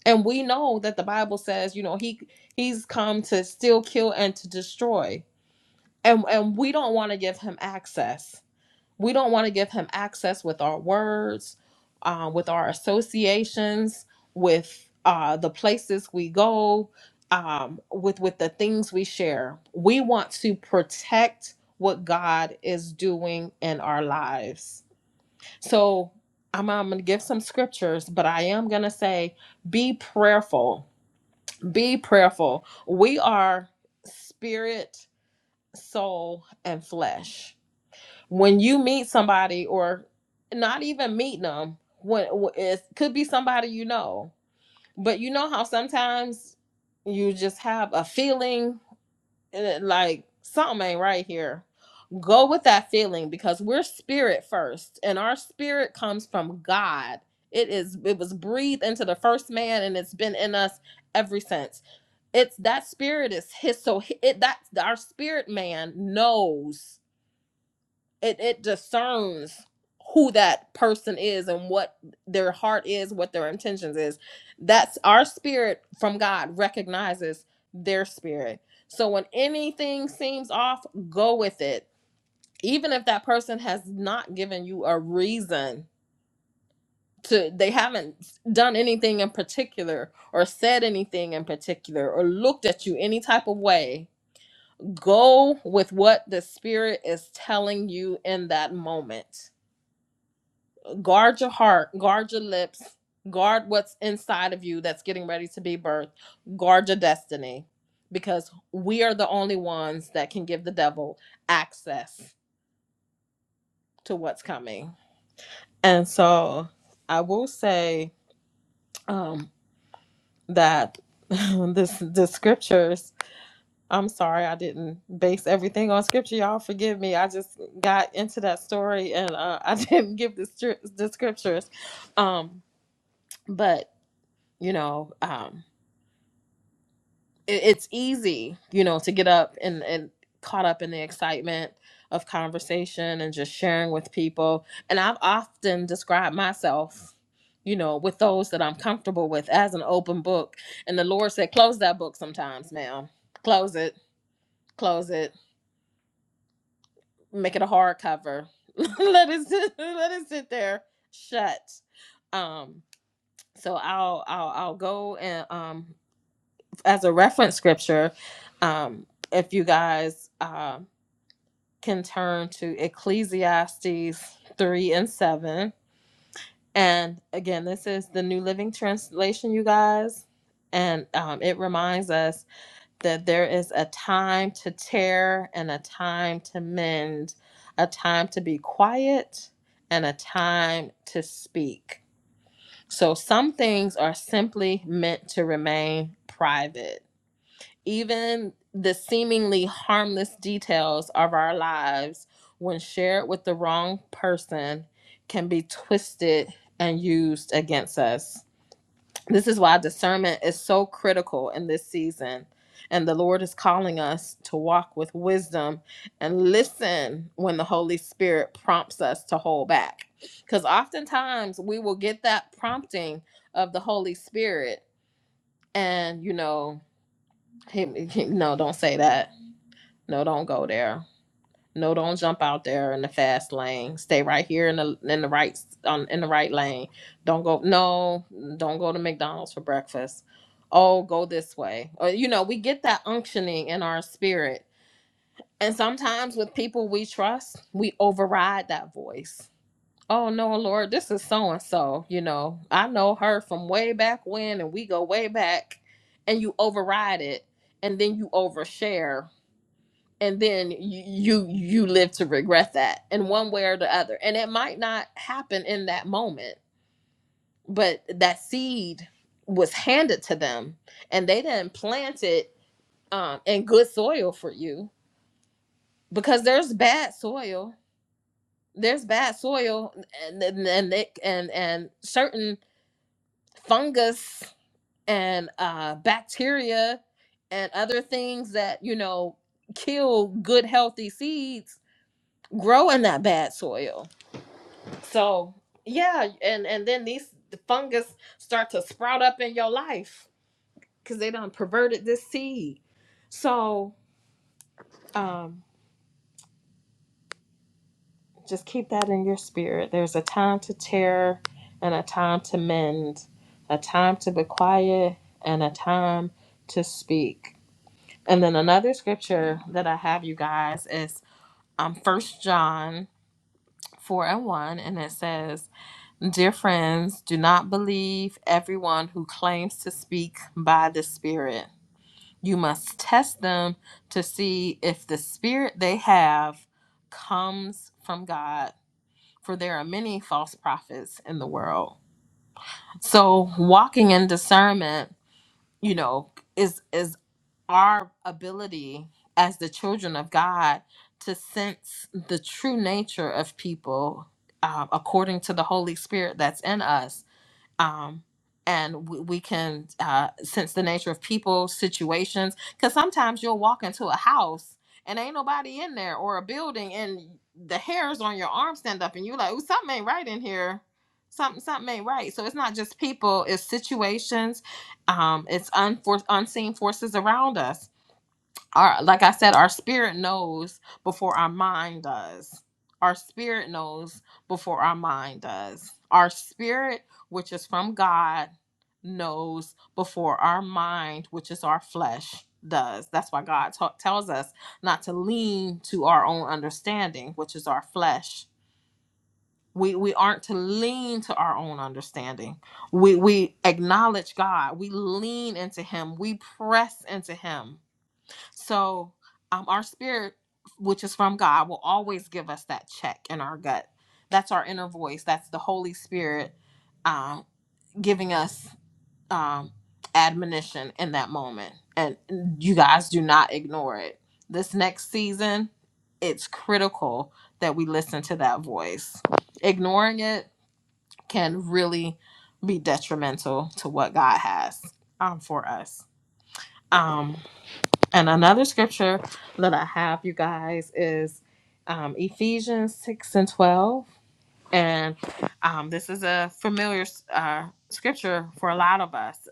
D: and we know that the bible says you know he he's come to steal kill and to destroy and and we don't want to give him access we don't want to give him access with our words uh, with our associations with uh, the places we go um, with with the things we share we want to protect what god is doing in our lives so I'm, I'm going to give some scriptures, but I am going to say be prayerful. Be prayerful. We are spirit, soul, and flesh. When you meet somebody, or not even meeting them, when it could be somebody you know, but you know how sometimes you just have a feeling eh, like something ain't right here go with that feeling because we're spirit first and our spirit comes from god it is it was breathed into the first man and it's been in us ever since it's that spirit is his so it that our spirit man knows it it discerns who that person is and what their heart is what their intentions is that's our spirit from god recognizes their spirit so when anything seems off go with it even if that person has not given you a reason to they haven't done anything in particular or said anything in particular or looked at you any type of way go with what the spirit is telling you in that moment guard your heart guard your lips guard what's inside of you that's getting ready to be birthed guard your destiny because we are the only ones that can give the devil access to what's coming And so I will say um, that this the scriptures. I'm sorry I didn't base everything on scripture. Y'all forgive me. I just got into that story and uh, I didn't give the stri- the scriptures. Um, but you know, um, it, it's easy, you know, to get up and and caught up in the excitement of conversation and just sharing with people. And I've often described myself, you know, with those that I'm comfortable with as an open book. And the Lord said, close that book sometimes now. Close it, close it, make it a hard cover. let it sit, let it sit there shut. Um, so I'll I'll I'll go and um as a reference scripture, um, if you guys um, can turn to Ecclesiastes 3 and 7. And again, this is the New Living Translation, you guys. And um, it reminds us that there is a time to tear and a time to mend, a time to be quiet and a time to speak. So some things are simply meant to remain private even the seemingly harmless details of our lives, when shared with the wrong person, can be twisted and used against us. This is why discernment is so critical in this season. And the Lord is calling us to walk with wisdom and listen when the Holy Spirit prompts us to hold back. Because oftentimes we will get that prompting of the Holy Spirit, and you know, he, he- no, don't say that no, don't go there. No, don't jump out there in the fast lane. Stay right here in the in the right on in the right lane. Don't go. No, don't go to McDonald's for breakfast. Oh, go this way. Or you know, we get that unctioning in our spirit, and sometimes with people we trust, we override that voice. Oh no, Lord, this is so and so. You know, I know her from way back when, and we go way back, and you override it, and then you overshare and then you you you live to regret that in one way or the other and it might not happen in that moment but that seed was handed to them and they didn't plant it um, in good soil for you because there's bad soil there's bad soil and and and, and, and certain fungus and uh, bacteria and other things that you know kill good healthy seeds grow in that bad soil So yeah, and and then these the fungus start to sprout up in your life because they done perverted this seed. So um, just keep that in your spirit. There's a time to tear and a time to mend, a time to be quiet and a time to speak. And then another scripture that I have you guys is um First John four and one, and it says. Dear friends, do not believe everyone who claims to speak by the Spirit. You must test them to see if the Spirit they have comes from God, for there are many false prophets in the world. So, walking in discernment, you know, is is our ability as the children of God to sense the true nature of people uh, according to the Holy Spirit that's in us um, and we, we can uh, sense the nature of people, situations. Because sometimes you'll walk into a house and ain't nobody in there, or a building, and the hairs on your arm stand up, and you're like, "Ooh, something ain't right in here." Something, something ain't right. So it's not just people; it's situations. Um, it's unfor- unseen forces around us our like I said, our spirit knows before our mind does. Our spirit knows before our mind does. Our spirit, which is from God, knows before our mind, which is our flesh, does. That's why God ta- tells us not to lean to our own understanding, which is our flesh. We, we aren't to lean to our own understanding. We we acknowledge God. We lean into Him. We press into Him so, um, our spirit, which is from God, will always give us that check in our gut. That's our inner voice. That's the Holy Spirit um, giving us um, admonition in that moment. And you guys do not ignore it. This next season, it's critical that we listen to that voice. Ignoring it can really be detrimental to what God has um, for us. Um. And another scripture that I have, you guys, is um, Ephesians 6 and 12. And um, this is a familiar uh, scripture for a lot of us.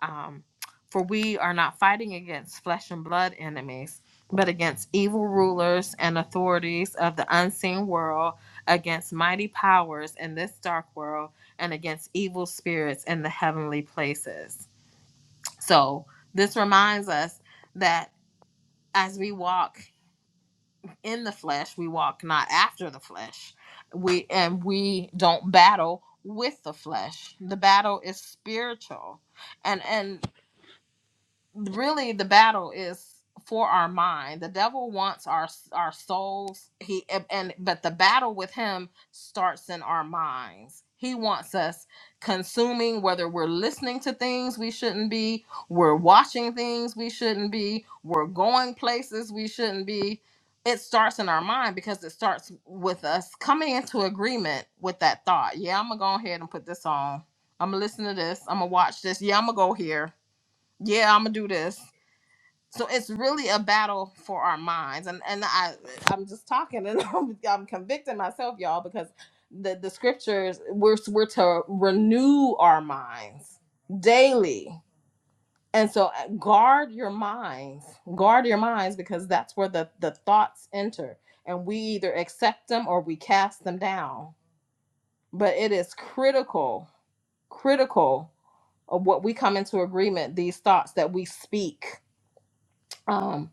D: Um, for we are not fighting against flesh and blood enemies, but against evil rulers and authorities of the unseen world, against mighty powers in this dark world, and against evil spirits in the heavenly places. So this reminds us that as we walk in the flesh, we walk not after the flesh. We and we don't battle with the flesh. The battle is spiritual. and and really the battle is for our mind. The devil wants our our souls. He and but the battle with him starts in our minds. He wants us consuming whether we're listening to things we shouldn't be, we're watching things we shouldn't be, we're going places we shouldn't be. It starts in our mind because it starts with us coming into agreement with that thought. Yeah, I'm gonna go ahead and put this on. I'm gonna listen to this. I'm gonna watch this. Yeah, I'm gonna go here yeah, I'm gonna do this. So it's really a battle for our minds, and and I I'm just talking and I'm, I'm convicting myself, y'all, because the the scriptures we're we're to renew our minds daily, and so uh, guard your minds, guard your minds, because that's where the the thoughts enter, and we either accept them or we cast them down. But it is critical, critical of what we come into agreement these thoughts that we speak Um,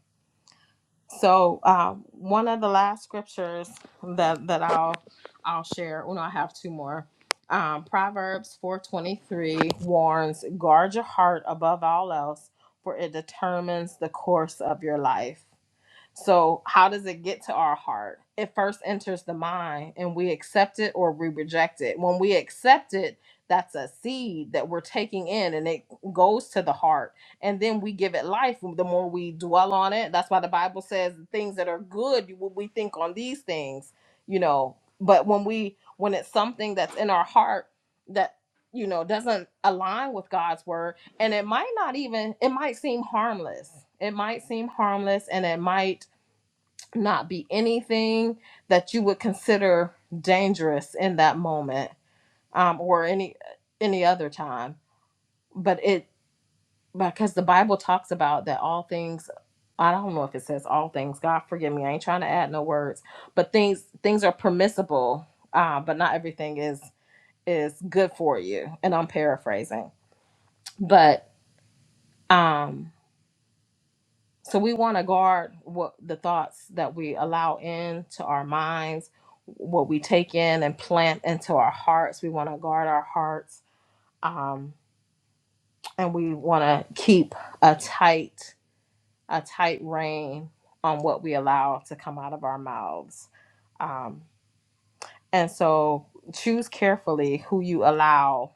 D: So um, one of the last scriptures that that I'll I'll share. Well, no, I have two more. Um, Proverbs four twenty three warns: guard your heart above all else, for it determines the course of your life. So, how does it get to our heart? It first enters the mind and we accept it or we reject it. When we accept it, that's a seed that we're taking in and it goes to the heart. And then we give it life the more we dwell on it. That's why the Bible says things that are good, you- we think on these things, you know. But when we, when it's something that's in our heart that, you know, doesn't align with God's word, and it might not even it might seem harmless it might seem harmless and it might not be anything that you would consider dangerous in that moment um, or any any other time but it because the bible talks about that all things i don't know if it says all things god forgive me i ain't trying to add no words but things things are permissible uh, but not everything is is good for you and i'm paraphrasing but um So we want to guard what the thoughts that we allow into our minds, what we take in and plant into our hearts. We want to guard our hearts, um, and we want to keep a tight, a tight rein on what we allow to come out of our mouths. Um, and so choose carefully who you allow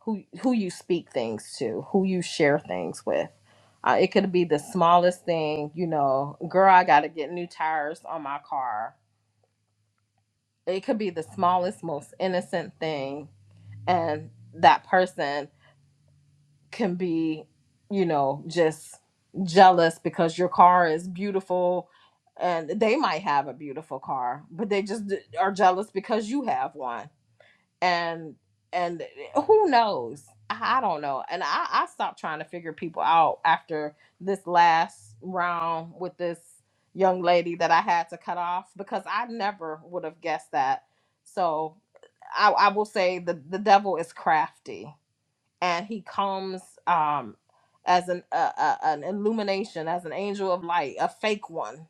D: who who you speak things to, who you share things with. Uh, it could be the smallest thing, you know, girl, I got to get new tires on my car. It could be the smallest, most innocent thing, and that person can be, you know, just jealous because your car is beautiful and they might have a beautiful car but they just d- are jealous because you have one and and eh, who knows i don't know and i i stopped trying to figure people out after this last round with this young lady that i had to cut off because i never would have guessed that so i i will say the the devil is crafty and he comes um as an uh, uh, an illumination as an angel of light a fake one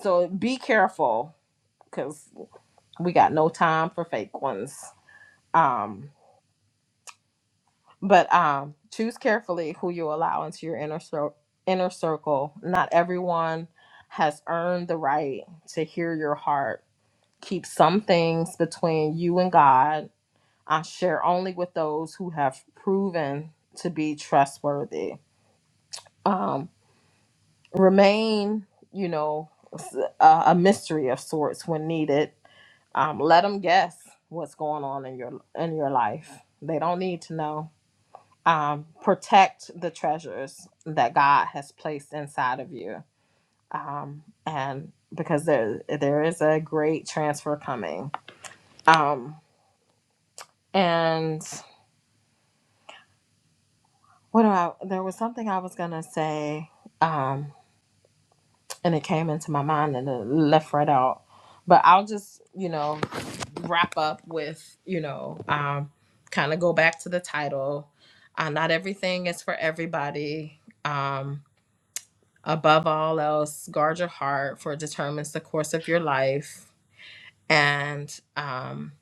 D: so be careful because we got no time for fake ones um But um, choose carefully who you allow into your inner cir- inner circle. Not everyone has earned the right to hear your heart. Keep some things between you and God. I share only with those who have proven to be trustworthy. Um, remain, you know, s- a, a mystery of sorts when needed. Um, let them guess what's going on in your in your life. They don't need to know um, protect the treasures that God has placed inside of you. Um, and because there there is a great transfer coming. Um, and what do I there was something I was gonna say, um, and it came into my mind and it left right out. But I'll just, you know, wrap up with, you know, um, kind of go back to the title. Uh, not everything is for everybody. Um, Above all else, guard your heart, for it determines the course of your life. And um,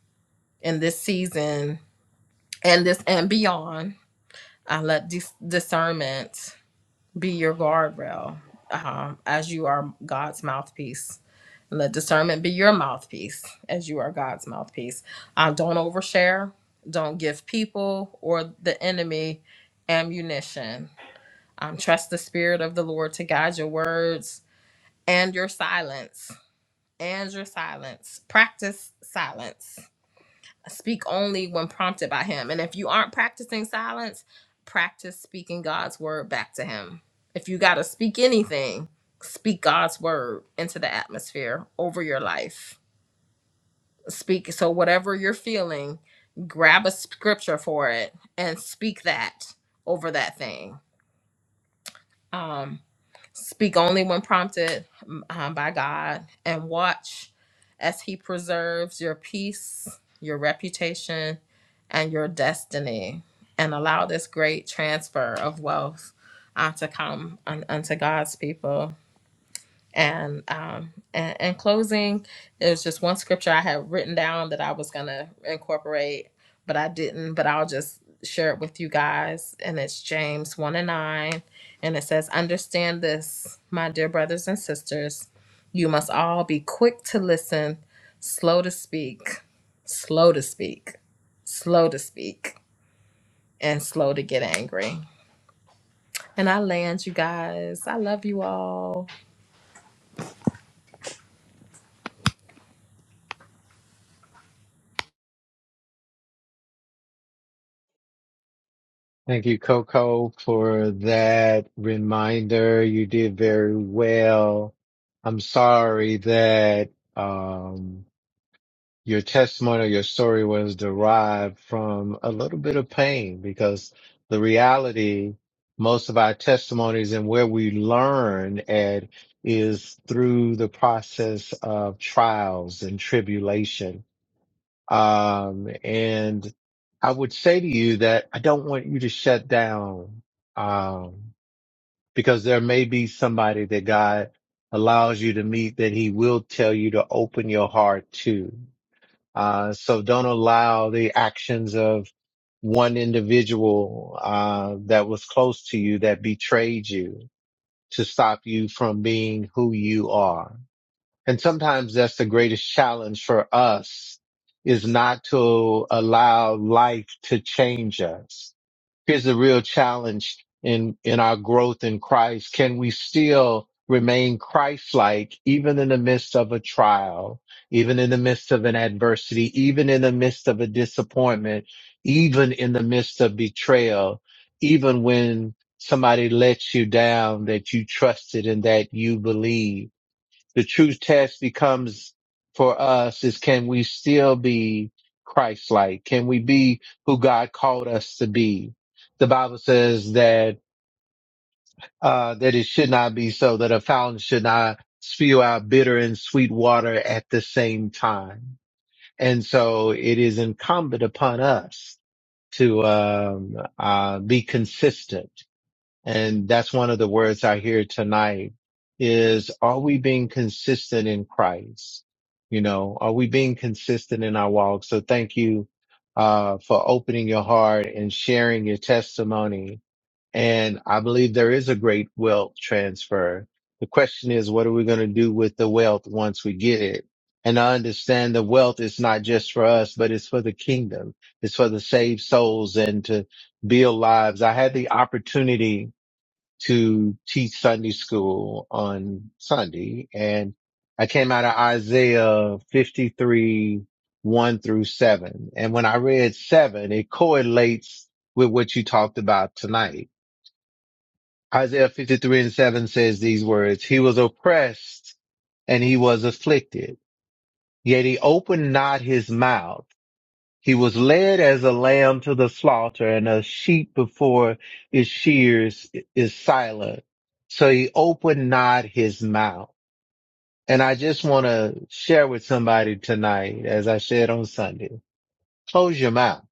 D: in this season and this and beyond, uh, let dis- discernment be your guardrail um, as you are God's mouthpiece. Let discernment be your mouthpiece as you are God's mouthpiece. Uh, don't overshare. Don't give people or the enemy ammunition. Um, trust the Spirit of the Lord to guide your words and your silence and your silence. Practice silence. Speak only when prompted by Him. And if you aren't practicing silence, practice speaking God's word back to Him. If you got to speak anything, speak God's word into the atmosphere over your life. Speak. So, whatever you're feeling, grab a scripture for it and speak that over that thing. Um, speak only when prompted um, by God, and watch as He preserves your peace, your reputation, and your destiny, and allow this great transfer of wealth uh, to come un- unto God's people. And um, and in closing, it was just one scripture I had written down that I was gonna incorporate, but I didn't. But I'll just share it with you guys. And it's James one and nine, and it says, "Understand this, my dear brothers and sisters, you must all be quick to listen, slow to speak, slow to speak, slow to speak, and slow to get angry." And I land you guys. I love you all.
C: Thank you, Coco, for that reminder. You did very well. I'm sorry that, um, your testimony or your story was derived from a little bit of pain because the reality, most of our testimonies and where we learn at is through the process of trials and tribulation. Um, and I would say to you that I don't want you to shut down, um, because there may be somebody that God allows you to meet that he will tell you to open your heart to uh, so don't allow the actions of one individual uh, that was close to you that betrayed you to stop you from being who you are. And sometimes that's the greatest challenge for us is not to allow life to change us here's the real challenge in in our growth in Christ. Can we still remain Christ-like even in the midst of a trial, even in the midst of an adversity, even in the midst of a disappointment, even in the midst of betrayal, even when somebody lets you down that you trusted and that you believe? the true test becomes for us is can we still be Christ-like? Can we be who God called us to be? The Bible says that, uh, that it should not be so that a fountain should not spew out bitter and sweet water at the same time. And so it is incumbent upon us to, um, uh, be consistent and that's one of the words I hear tonight is, are we being consistent in Christ? You know, are we being consistent in our walk? So thank you, uh, for opening your heart and sharing your testimony. And I believe there is a great wealth transfer. The question is, what are we going to do with the wealth once we get it? And I understand the wealth is not just for us, but it's for the kingdom. It's for the saved souls and to build lives. I had the opportunity to teach Sunday school on Sunday. And I came out of Isaiah 53, 1 through 7. And when I read 7, it correlates with what you talked about tonight. Isaiah 53 and 7 says these words, He was oppressed and he was afflicted, yet he opened not his mouth. He was led as a lamb to the slaughter and a sheep before its shears is silent. So he opened not his mouth. And I just want to share with somebody tonight, as I said on Sunday, close your mouth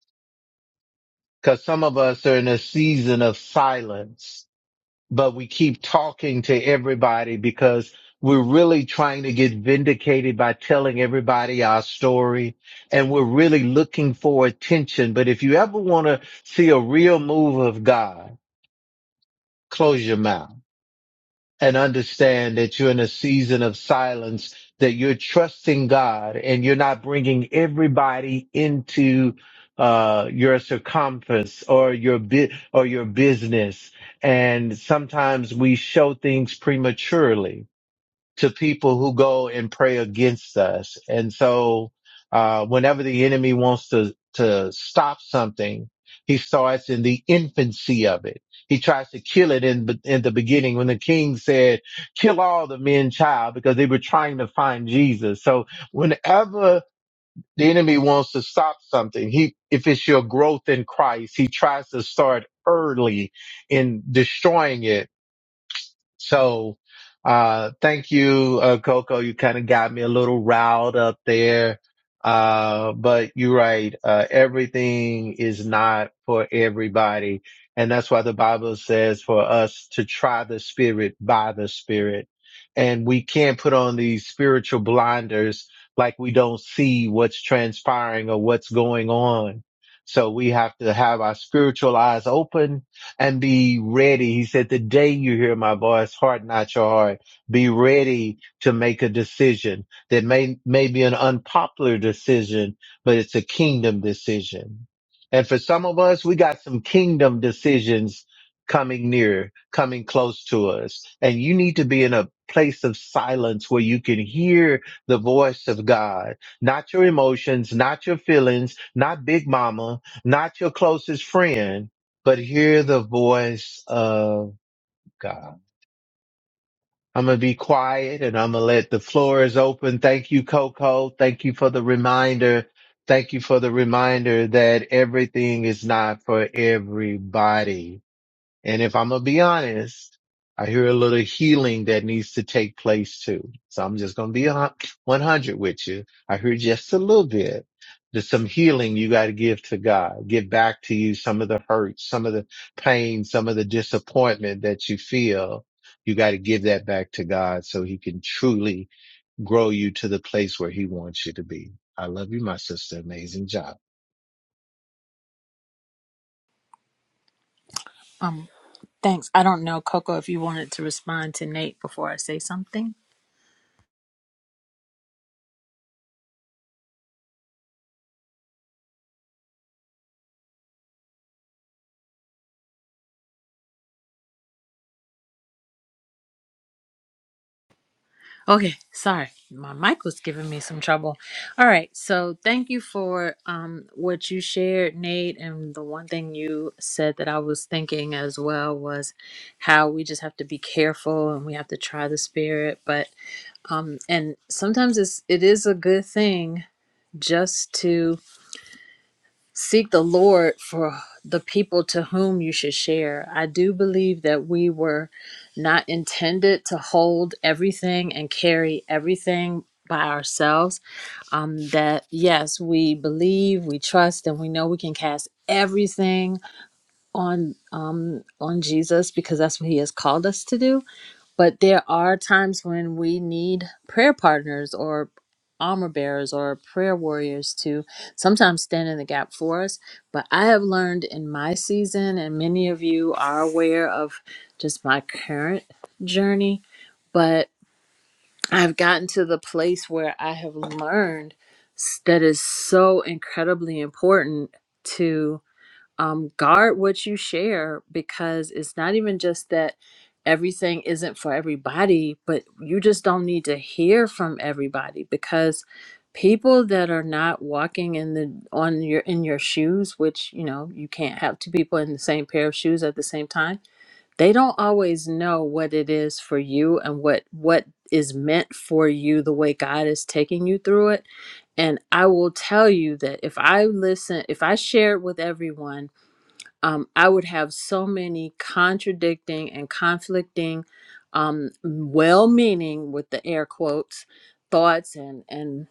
C: because some of us are in a season of silence but we keep talking to everybody because we're really trying to get vindicated by telling everybody our story and we're really looking for attention. But if you ever want to see a real move of God, close your mouth and understand that you're in a season of silence, that you're trusting God and you're not bringing everybody into uh, your circumference or your bit or your business. And sometimes we show things prematurely to people who go and pray against us. And so, uh, whenever the enemy wants to, to stop something, he starts in the infancy of it. He tries to kill it in, in the beginning when the king said, kill all the men child because they were trying to find Jesus. So whenever the enemy wants to stop something, he, if it's your growth in Christ, he tries to start early in destroying it so, uh, thank you, uh, Coco. You kind of got me a little riled up there. Uh, but you're right. Uh, everything is not for everybody. And that's why the Bible says for us to try the spirit by the spirit. And we can't put on these spiritual blinders like we don't see what's transpiring or what's going on. So we have to have our spiritual eyes open and be ready. He said, the day you hear my voice, harden not your heart. Be ready to make a decision that may, may be an unpopular decision, but it's a kingdom decision. And for some of us, we got some kingdom decisions coming near, coming close to us. And you need to be in a place of silence where you can hear the voice of God, not your emotions, not your feelings, not big mama, not your closest friend, but hear the voice of God. I'm going to be quiet and I'm going to let the floor is open. Thank you, Coco. Thank you for the reminder. Thank you for the reminder that everything is not for everybody and if I'm gonna be honest, I hear a little healing that needs to take place too. So I'm just gonna be 100 with you. I hear just a little bit. There's some healing you got to give to God. Give back to you some of the hurt, some of the pain, some of the disappointment that you feel. You got to give that back to God so he can truly grow you to the place where he wants you to be. I love you, my sister. Amazing job.
F: Um, thanks. I don't know, Coco, if you wanted to respond to Nate before I say something. Okay, sorry. My mic was giving me some trouble. All right, so thank you for um, what you shared, Nate. And the one thing you said that I was thinking as well was how we just have to be careful and we have to try the spirit. But um, and sometimes it's it is a good thing just to seek the Lord for the people to whom you should share. I do believe that we were not intended to hold everything and carry everything by ourselves. Um, that yes, we believe, we trust, and we know we can cast everything on um on Jesus because that's what he has called us to do but there are times when we need prayer partners or armor bearers or prayer warriors to sometimes stand in the gap for us. But I have learned in my season, and many of you are aware of just my current journey, but I've gotten to the place where I have learned s- that is so incredibly important um, guard what you share because it's not even just that everything isn't for everybody, but you just don't need to hear from everybody because people that are not walking in the on your in your shoes, which you know you can't have two people in the same pair of shoes at the same time they don't always know what it is for you and what what is meant for you the way God is taking you through it and I will tell you that if I listen if I shared with everyone um, I would have so many contradicting and conflicting, um, well meaning with the air quotes, thoughts and, and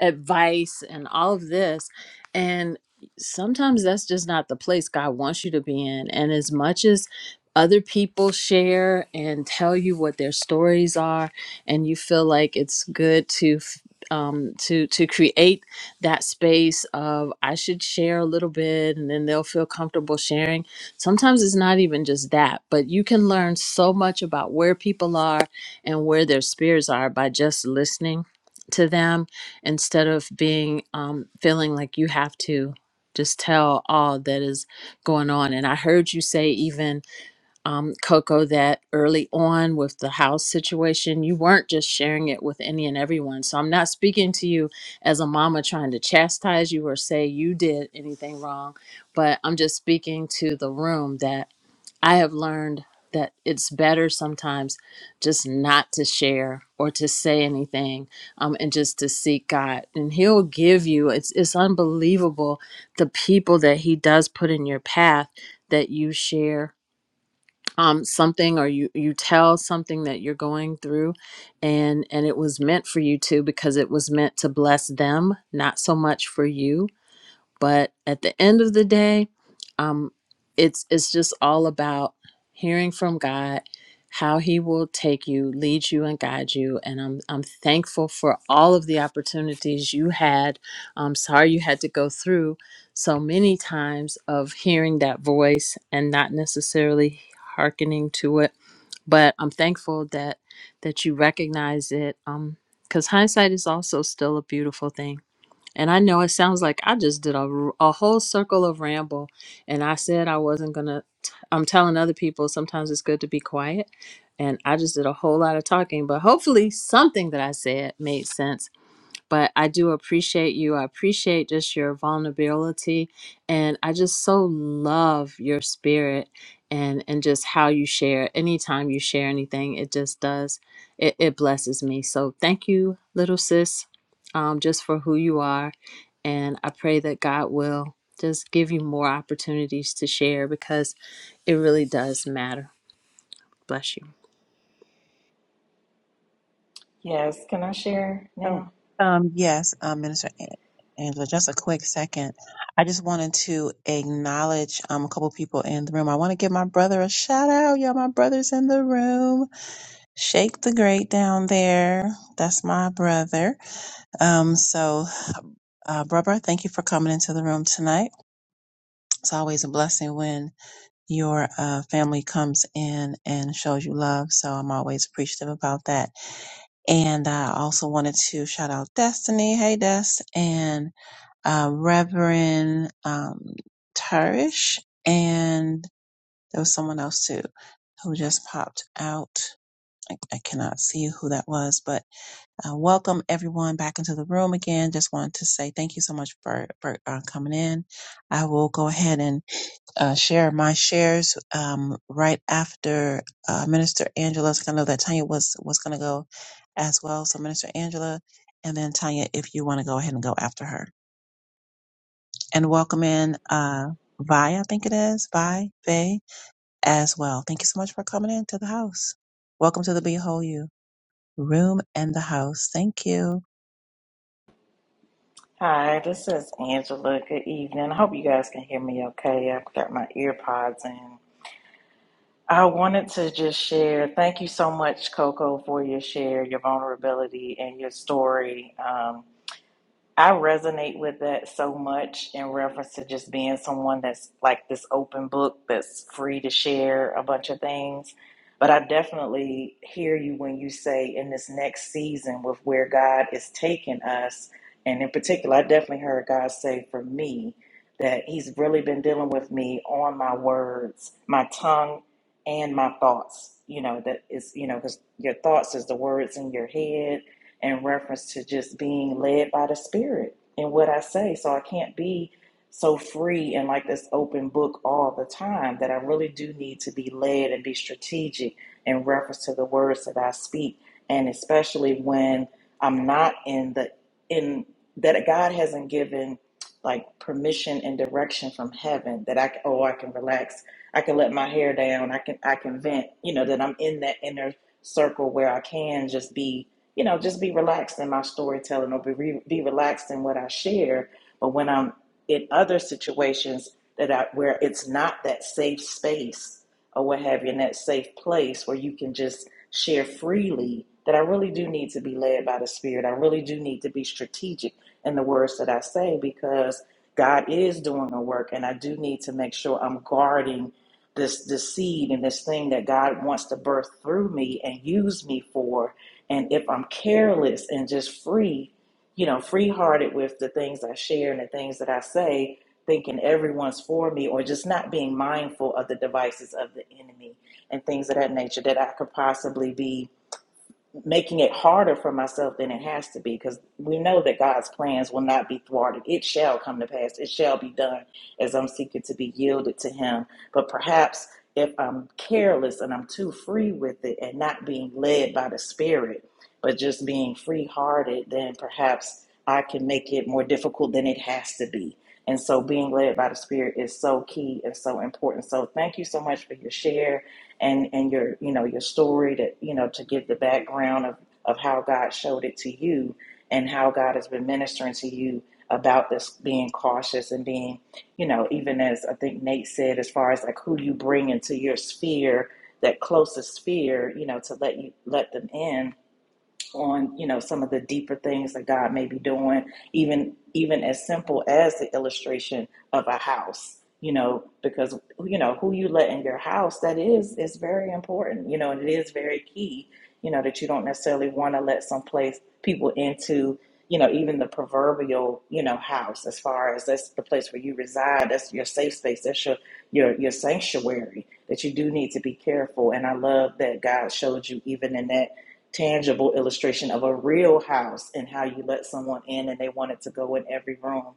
F: advice and all of this. And sometimes that's just not the place God wants you to be in. And as much as other people share and tell you what their stories are, and you feel like it's good to. f- Um, to to create that space of I should share a little bit and then they'll feel comfortable sharing. Sometimes it's not even just that, but you can learn so much about where people are and where their spirits are by just listening to them instead of being um, feeling like you have to just tell all that is going on. And I heard you say, even um, Coco, that early on with the house situation, you weren't just sharing it with any and everyone. So I'm not speaking to you as a mama trying to chastise you or say you did anything wrong, but I'm just speaking to the room that I have learned that it's better sometimes just not to share or to say anything um, and just to seek God. And He'll give you, it's, it's unbelievable the people that He does put in your path that you share um, something or you you tell something that you're going through and and it was meant for you to because it was meant to bless them not so much for you but at the end of the day um it's it's just all about hearing from god how he will take you lead you and guide you and i'm i'm thankful for all of the opportunities you had i'm sorry you had to go through so many times of hearing that voice and not necessarily hearkening to it but i'm thankful that that you recognize it um because hindsight is also still a beautiful thing and I know it sounds like I just did a a whole circle of ramble and I said I wasn't going to. I'm telling other people sometimes it's good to be quiet. And I just did a whole lot of talking, but hopefully something that I said made sense but I do appreciate you. I appreciate just your vulnerability and I just so love your spirit and and just how you share. Anytime you share anything, it just does it, it blesses me. So thank you, little sis, um, just for who you are. And I pray that God will just give you more opportunities to share because it really does matter. Bless you.
G: Yes, can I share
A: So,
G: now?
A: um, yes, um, Minister A- Angela, just a quick second. I just wanted to acknowledge um, a couple people in the room. I want to give my brother a shout out. Y'all, my brother's in the room. Shake the great down there. That's my brother. Um, so, uh, brother, thank you for coming into the room tonight. It's always a blessing when your uh, family comes in and shows you love. So I'm always appreciative about that. And I also wanted to shout out Destiny. Hey, Des. And uh, Reverend um, Tarish. And there was someone else too who just popped out. I, I cannot see who that was, but uh, welcome everyone back into the room again. Just wanted to say thank you so much for, for uh, coming in. I will go ahead and uh, share my shares um, right after uh, Minister Angela's. 'cause I know that Tanya was was going to go as well. So Minister Angela, and then Tanya, if you want to go ahead and go after her, and welcome in uh, Vi, I think it is Vi Vay as well. Thank you so much for coming into the house. Welcome to the Behold You room and the house. Thank you.
G: Hi, this is Angela. Good evening. I hope you guys can hear me okay. I've got my ear pods in. I wanted to just share. Thank you so much, Coco, for your share, your vulnerability, and your story. Um, I resonate with that so much in reference to just being someone that's like this open book that's free to share a bunch of things. But I definitely hear you when you say in this next season with where God is taking us. And in particular, I definitely heard God say for me that He's really been dealing with me on my words, my tongue, and my thoughts. You know, that is, you know, because your thoughts is the words in your head in reference to just being led by the Spirit in what I say. So I can't be so free and like this open book all the time that I really do need to be led and be strategic in reference to the words that I speak. And especially when I'm not in the, in that God hasn't given like permission and direction from heaven that I, c- oh, I can relax. I can let my hair down. I can, I can vent, you know, that I'm in that inner circle where I can just be you know, just be relaxed in my storytelling or be, re- be relaxed in what I share. But when I'm in other situations that I, where it's not that safe space or what have you, in that safe place where you can just share freely, that I really do need to be led by the Spirit. I really do need to be strategic in the words that I say because God is doing a work, and I do need to make sure I'm guarding this this seed and this thing that God wants to birth through me and use me for and if I'm careless and just free, you know, free hearted with the things I share and the things that I say, thinking everyone's for me, or just not being mindful of the devices of the enemy and things of that nature, that I could possibly be making it harder for myself than it has to be because we know that God's plans will not be thwarted. It shall come to pass. It shall be done as I'm seeking to be yielded to Him. But perhaps if I'm careless and I'm too free with it and not being led by the Spirit, but just being free hearted, then perhaps I can make it more difficult than it has to be. And so being led by the Spirit is so key and so important. So thank you so much for your share and and your you know your story to you know to give the background of of how God showed it to you and how God has been ministering to you about this being cautious and being you know even as I think Nate said as far as like who do you bring into your sphere that closest sphere you know to let you let them in on you know some of the deeper things that God may be doing, even even as simple as the illustration of a house. You know, because you know who you let in your house that is is very important. You know, and it is very key. You know that you don't necessarily want to let some place people into. You know, even the proverbial you know house as far as that's the place where you reside. That's your safe space. That's your your your sanctuary. That you do need to be careful. And I love that God showed you even in that tangible illustration of a real house and how you let someone in and they wanted to go in every room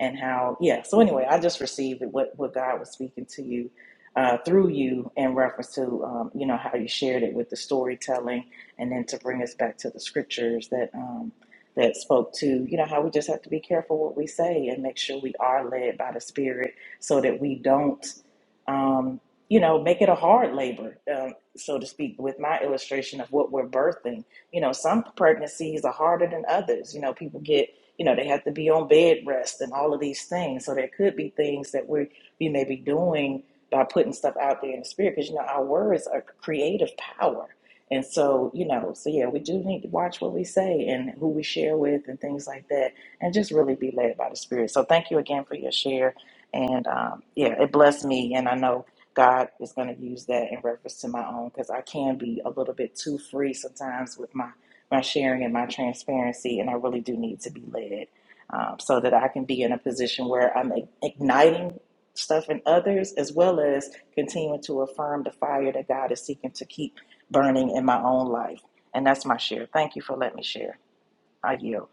G: and how yeah so anyway i just received what what god was speaking to you uh, through you in reference to um, you know how you shared it with the storytelling and then to bring us back to the scriptures that um, that spoke to you know how we just have to be careful what we say and make sure we are led by the spirit so that we don't um, you know, make it a hard labor. Um, so to speak, with my illustration of what we're birthing. You know, some pregnancies are harder than others. You know, people get, you know, they have to be on bed rest and all of these things. So there could be things that we we may be doing by putting stuff out there in the spirit, because you know our words are creative power. And so, you know, so yeah, we do need to watch what we say and who we share with and things like that, and just really be led by the Spirit. So, thank you again for your share. And um, yeah, it blessed me. And I know God is going to use that in reference to my own because I can be a little bit too free sometimes with my my sharing and my transparency, and I really do need to be led um, so that I can be in a position where I'm igniting stuff in others as well as continuing to affirm the fire that God is seeking to keep burning in my own life. And that's my share. Thank you for letting me share. I yield.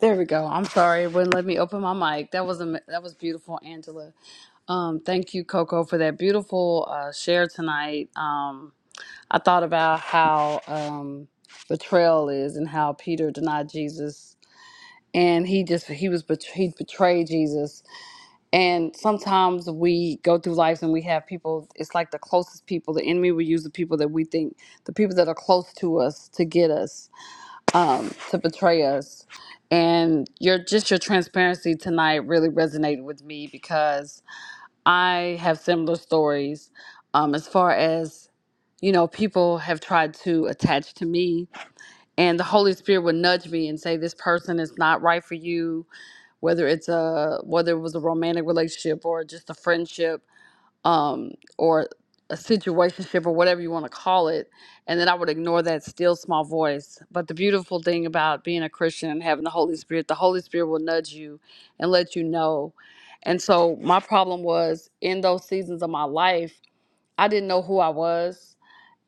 B: There we go. I'm sorry it wouldn't let me open my mic. That was a that was beautiful, Angela. Um, thank you, Coco, for that beautiful uh, share tonight. Um, I thought about how um, betrayal is and how Peter denied Jesus, and he just he was bet- he betrayed Jesus And sometimes we go through lives and we have people, it's like the closest people. The enemy will use the people that we think, the people that are close to us to get us, um, to betray us. And your just your transparency tonight really resonated with me because I have similar stories um, as far as, you know, people have tried to attach to me and the Holy Spirit would nudge me and say, this person is not right for you whether it's a whether it was a romantic relationship or just a friendship um or a situationship or whatever you want to call it and then i would ignore that still small voice but the beautiful thing about being a christian and having the holy spirit the holy spirit will nudge you and let you know and so my problem was in those seasons of my life i didn't know who i was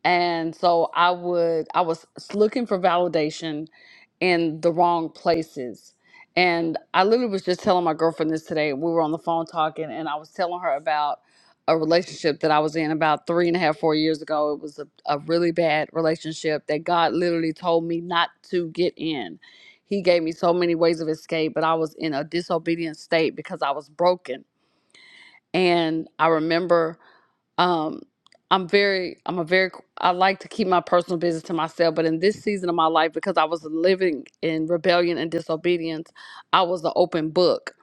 B: and so I would I was looking for validation in the wrong places. And I literally was just telling my girlfriend this today. We were on the phone talking, and I was telling her about a relationship that I was in about three and a half, four years ago. It was a, a really bad relationship that God literally told me not to get in. He gave me so many ways of escape, but I was in a disobedient state because I was broken. And I remember um i'm very i'm a very i like to keep my personal business to myself but in this season of my life because i was living in rebellion and disobedience i was an open book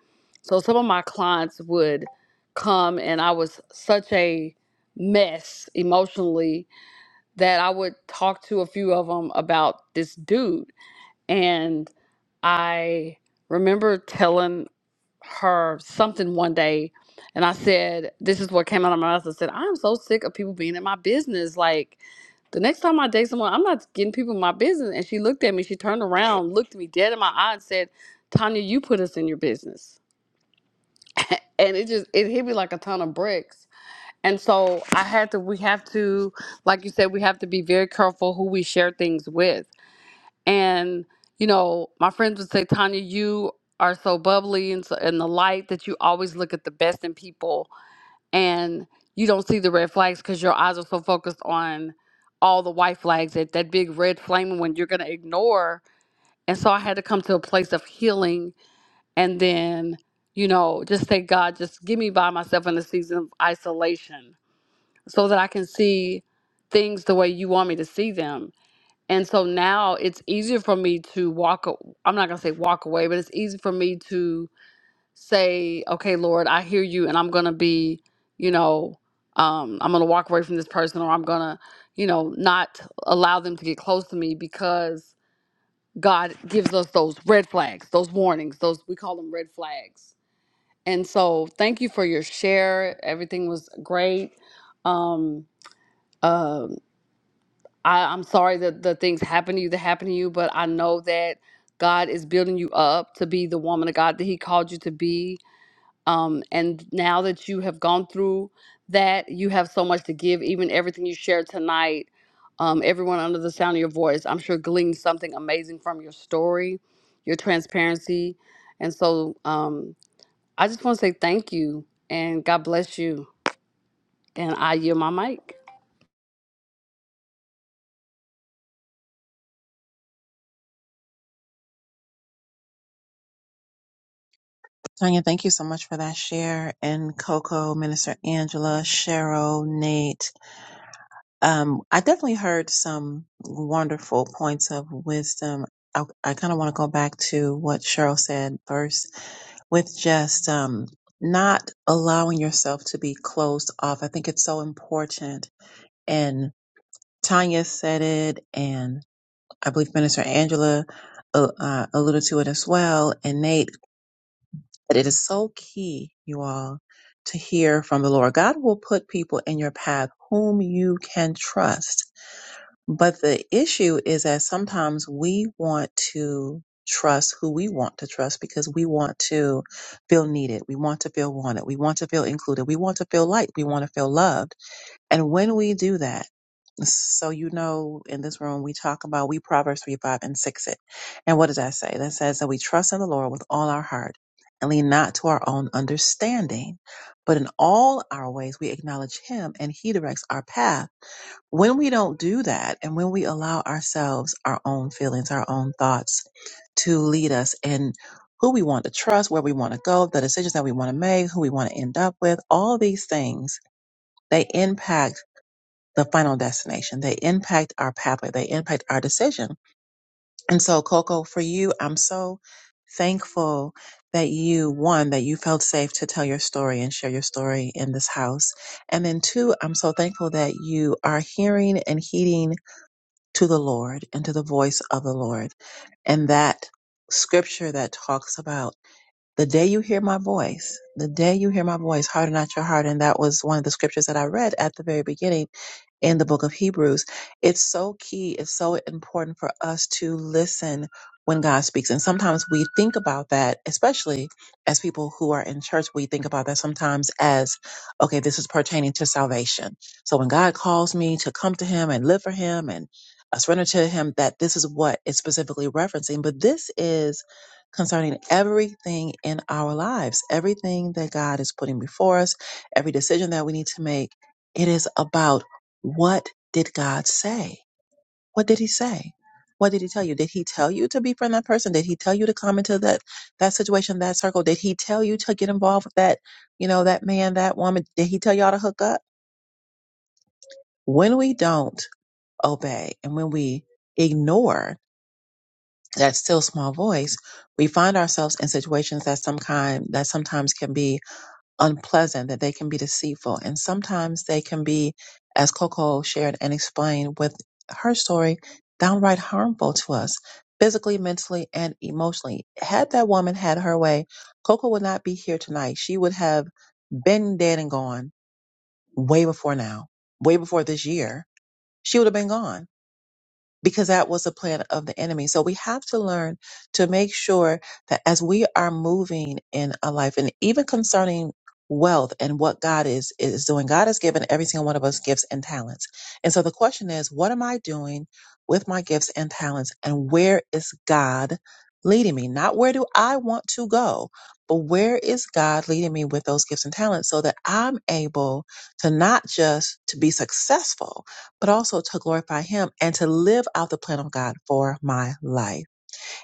B: so some of my clients would come and i was such a mess emotionally that i would talk to a few of them about this dude and i remember telling her something one day and I said, This is what came out of my mouth. I said, I'm so sick of people being in my business. Like the next time I date someone, I'm not getting people in my business. And she looked at me, she turned around, looked at me dead in my eye and said, Tanya, you put us in your business. and it just it hit me like a ton of bricks. And so I had to we have to, like you said, we have to be very careful who we share things with and you know my friends would say tanya you are so bubbly and so and the light that you always look at the best in people and you don't see the red flags because your eyes are so focused on all the white flags that that big red flaming one you're going to ignore and so i had to come to a place of healing and then you know just say god just give me by myself in the season of isolation so that i can see things the way you want me to see them and so now it's easier for me to walk, a- I'm not going to say walk away, but it's easy for me to say, okay, Lord, I hear you, and I'm going to be, you know, um, I'm going to walk away from this person, or I'm going to, you know, not allow them to get close to me because God gives us those red flags, those warnings, those we call them red flags. And so thank you for your share. Everything was great. Um, uh, I, I'm sorry that the things happen to you that happen to you, but I know that God is building you up to be the woman of God that He called you to be. Um, and now that you have gone through that, you have so much to give. Even everything you shared tonight, um, everyone under the sound of your voice, I'm sure gleaned something amazing from your story, your transparency. And so um, I just want to say thank you and God bless you. And I yield my mic.
A: Tanya, thank you so much for that share. And Coco, Minister Angela, Cheryl, Nate, Um, I definitely heard some wonderful points of wisdom. I, I kind of want to go back to what Cheryl said first with just um, not allowing yourself to be closed off. I think it's so important. And Tanya said it, and I believe Minister Angela uh, uh, alluded to it as well, and Nate. But it is so key, you all, to hear from the Lord. God will put people in your path whom you can trust but the issue is that sometimes we want to trust who we want to trust because we want to feel needed. We want to feel wanted. We want to feel included. We want to feel liked. We want to feel loved. And when we do that, so you know, in this room, we talk about we Proverbs 3, 5, and 6 it. And what does that say? That says that we trust in the Lord with all our heart and lean not to our own understanding, but in all our ways we acknowledge Him and He directs our path. When we don't do that and when we allow ourselves our own feelings, our own thoughts to lead us in who we want to trust, where we want to go, the decisions that we want to make, who we want to end up with, all these things, they impact the final destination. They impact our pathway. They impact our decision. And so, Coco, for you, I'm so thankful that you, one, that you felt safe to tell your story and share your story in this house. And then two, I'm so thankful that you are hearing and heeding to the Lord and to the voice of the Lord. And that scripture that talks about the day you hear my voice, the day you hear my voice, harden not your heart. And that was one of the scriptures that I read at the very beginning in the book of Hebrews. It's so key, it's so important for us to listen when God speaks. And sometimes we think about that, especially as people who are in church, we think about that sometimes as, okay, this is pertaining to salvation. So when God calls me to come to Him and live for Him and uh, surrender to Him, that this is what it's specifically referencing. But this is concerning everything in our lives, everything that God is putting before us, every decision that we need to make. It is about what did God say? What did he say? What did he tell you? Did he tell you to befriend that person? Did he tell you to come into that that situation, that circle? Did he tell you to get involved with that, you know, that man, that woman? Did he tell y'all to hook up? When we don't obey and when we ignore that still small voice, we find ourselves in situations that some kind that sometimes can be unpleasant, that they can be deceitful, and sometimes they can be, as Coco shared and explained with her story, downright harmful to us, physically, mentally, and emotionally. Had that woman had her way, Coco would not be here tonight. She would have been dead and gone way before now, way before this year. She would have been gone because that was a plan of the enemy. So we have to learn to make sure that as we are moving in a life and even concerning wealth and what God is is doing, God has given every single one of us gifts and talents. And so the question is, what am I doing with my gifts and talents and where is God leading me? Not where do I want to go, but where is God leading me with those gifts and talents so that I'm able to not just to be successful, but also to glorify Him and to live out the plan of God for my life.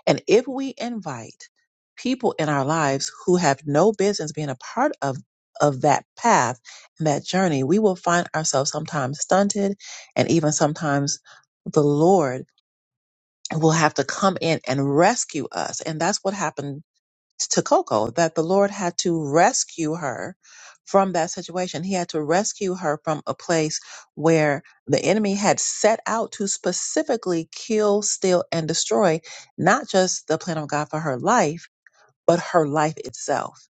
A: And if we invite people in our lives who have no business being a part of, of that path and that journey, we will find ourselves sometimes stunted and even sometimes the Lord will have to come in and rescue us. And that's what happened to Coco that the Lord had to rescue her from that situation. He had to rescue her from a place where the enemy had set out to specifically kill, steal, and destroy not just the plan of God for her life, but her life itself.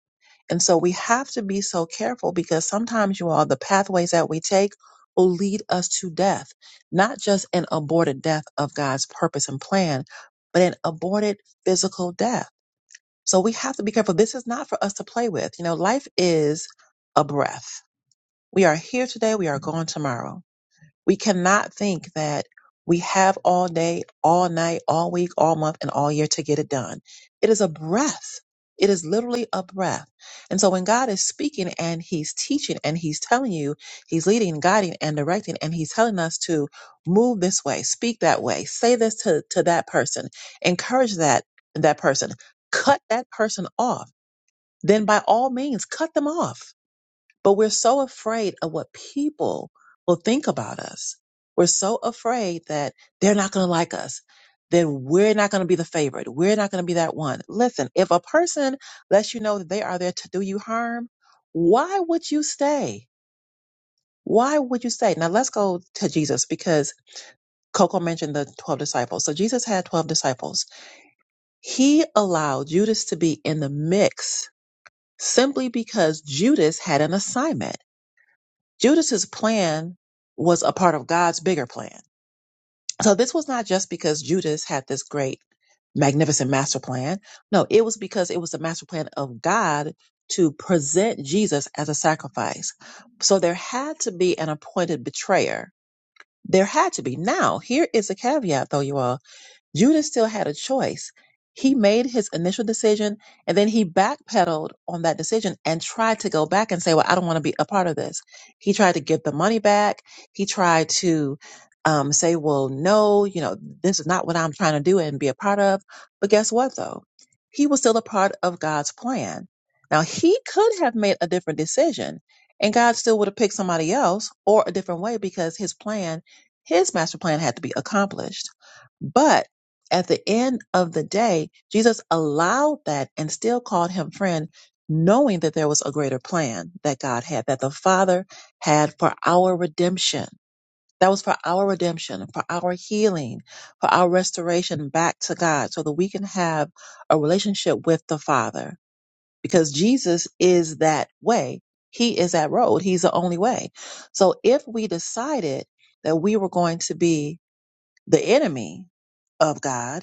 A: And so we have to be so careful because sometimes, you all, the pathways that we take will lead us to death, not just an aborted death of God's purpose and plan, but an aborted physical death so we have to be careful. This is not for us to play with. You know, life is a breath. We are here today, we are gone tomorrow. We cannot think that we have all day, all night, all week, all month, and all year to get it done. It is a breath. It is literally a breath. And so when God is speaking and He's teaching and He's telling you, He's leading, guiding, and directing, and He's telling us to move this way, speak that way, say this to, to that person, encourage that that person, cut that person off, then by all means cut them off but we're so afraid of what people will think about us. We're so afraid that they're not going to like us. Then we're not going to be the favorite. We're not going to be that one. Listen, if a person lets you know that they are there to do you harm, why would you stay? Why would you stay? Now let's go to Jesus because Coco mentioned the 12 disciples. So Jesus had 12 disciples. He allowed Judas to be in the mix simply because Judas had an assignment. Judas's plan was a part of God's bigger plan. So this was not just because Judas had this great, magnificent master plan. No, it was because it was the master plan of God to present Jesus as a sacrifice. So there had to be an appointed betrayer. There had to be. Now, here is a caveat though, you all. Judas still had a choice. He made his initial decision and then he backpedaled on that decision and tried to go back and say, Well, I don't want to be a part of this. He tried to get the money back. He tried to um, say, Well, no, you know, this is not what I'm trying to do and be a part of. But guess what, though? He was still a part of God's plan. Now, he could have made a different decision and God still would have picked somebody else or a different way because his plan, his master plan had to be accomplished. But at the end of the day, Jesus allowed that and still called him friend, knowing that there was a greater plan that God had, that the Father had for our redemption. That was for our redemption, for our healing, for our restoration back to God, so that we can have a relationship with the Father. Because Jesus is that way. He is that road. He's the only way. So if we decided that we were going to be the enemy of God,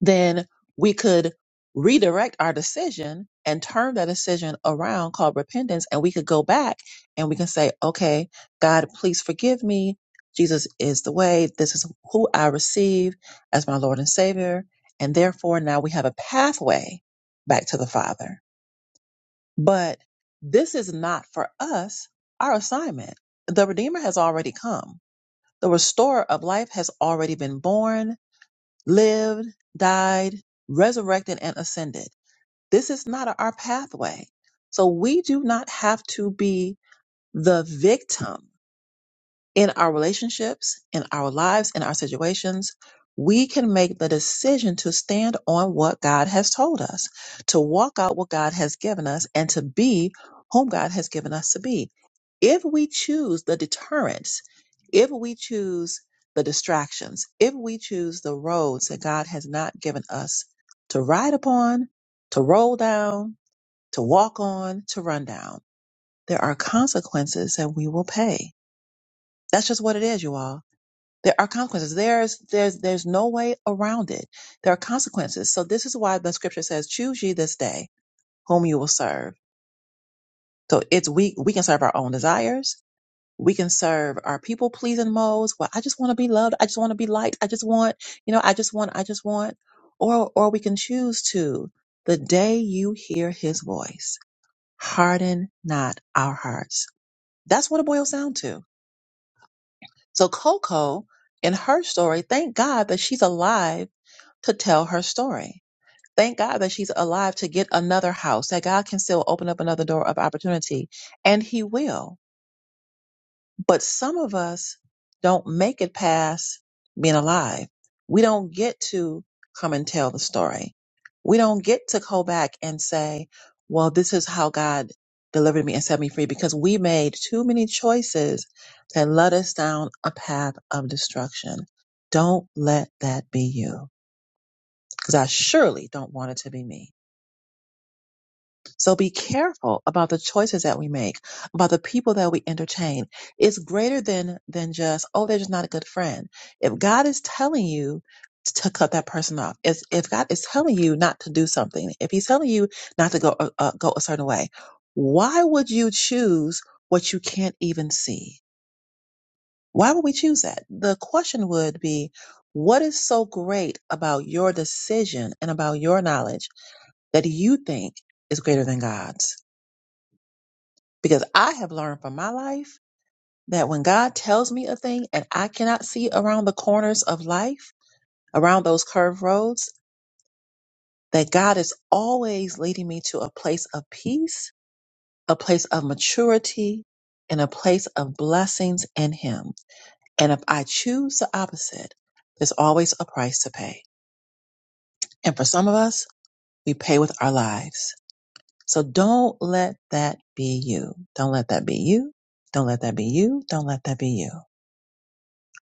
A: then we could redirect our decision and turn that decision around called repentance. And we could go back and we can say, okay, God, please forgive me. Jesus is the way. This is who I receive as my Lord and Savior. And therefore, now we have a pathway back to the Father. But this is not for us our assignment. The Redeemer has already come. The restorer of life has already been born lived, died, resurrected, and ascended. This is not our pathway. So we do not have to be the victim in our relationships, in our lives, in our situations, we can make the decision to stand on what God has told us, to walk out what God has given us, and to be whom God has given us to be. If we choose the deterrents, if we choose the distractions, if we choose the roads that God has not given us to ride upon, to roll down, to walk on, to run down, there are consequences that we will pay. That's just what it is, you all there are consequences. There's there's there's no way around it. There are consequences. So this is why the scripture says, "Choose ye this day whom you will serve." So it's we we can serve our own desires. We can serve our people pleasing modes. Well, I just want to be loved. I just want to be liked. I just want you know. I just want. I just want. Or or we can choose to the day you hear His voice, harden not our hearts. That's what it boils down to. So Coco, in her story, thank God that she's alive to tell her story. Thank God that she's alive to get another house, that God can still open up another door of opportunity, and He will. But some of us don't make it past being alive. We don't get to come and tell the story. We don't get to go back and say, well, this is how God delivered me and set me free because we made too many choices that led us down a path of destruction. Don't let that be you because I surely don't want it to be me. So be careful about the choices that we make, about the people that we entertain. It's greater than than just oh, they're just not a good friend. If God is telling you to cut that person off, if if God is telling you not to do something, if He's telling you not to go uh, uh, go a certain way, why would you choose what you can't even see? Why would we choose that? The question would be. What is so great about your decision and about your knowledge that you think is greater than God's. Because I have learned from my life that when God tells me a thing and I cannot see around the corners of life, around those curved roads, that God is always leading me to a place of peace, a place of maturity, and a place of blessings in Him. And if I choose the opposite, there's always a price to pay. And for some of us, we pay with our lives. So don't let that be you. Don't let that be you. Don't let that be you. Don't let that be you.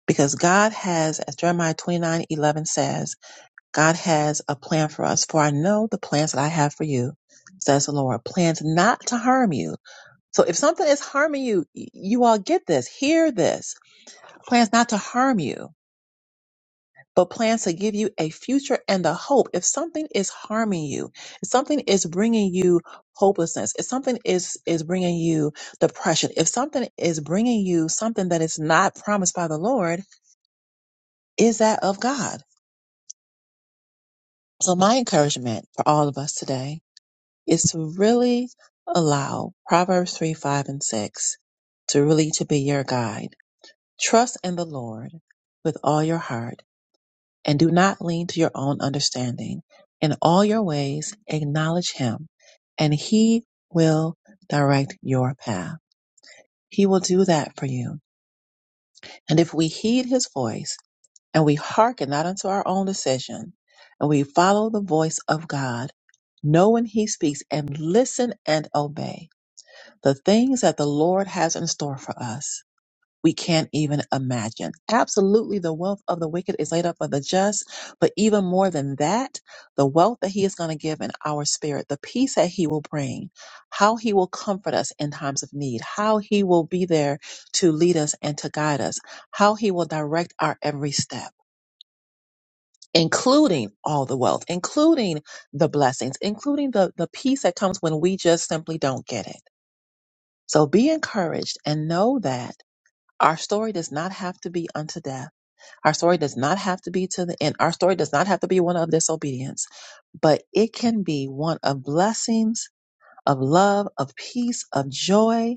A: Because God has, as Jeremiah 29 11 says, God has a plan for us. For I know the plans that I have for you, says the Lord, plans not to harm you. So if something is harming you, y- you all get this, hear this. Plans not to harm you but plans to give you a future and the hope. If something is harming you, if something is bringing you hopelessness, if something is, is bringing you depression, if something is bringing you something that is not promised by the Lord, is that of God? So my encouragement for all of us today is to really allow Proverbs 3, 5, and 6 to really to be your guide. Trust in the Lord with all your heart and do not lean to your own understanding. In all your ways, acknowledge him, and he will direct your path. He will do that for you. And if we heed his voice and we hearken not unto our own decision, and we follow the voice of God, know when he speaks and listen and obey the things that the Lord has in store for us we can't even imagine. Absolutely, the wealth of the wicked is laid up for the just, but even more than that, the wealth that He is going to give in our spirit, the peace that He will bring, how He will comfort us in times of need, how He will be there to lead us and to guide us, how He will direct our every step. Including all the wealth, including the blessings, including the, the peace that comes when we just simply don't get it. So be encouraged and know that our story does not have to be unto death our story does not have to be to the end. Our story does not have to be one of disobedience, but it can be one of blessings, of love, of peace, of joy,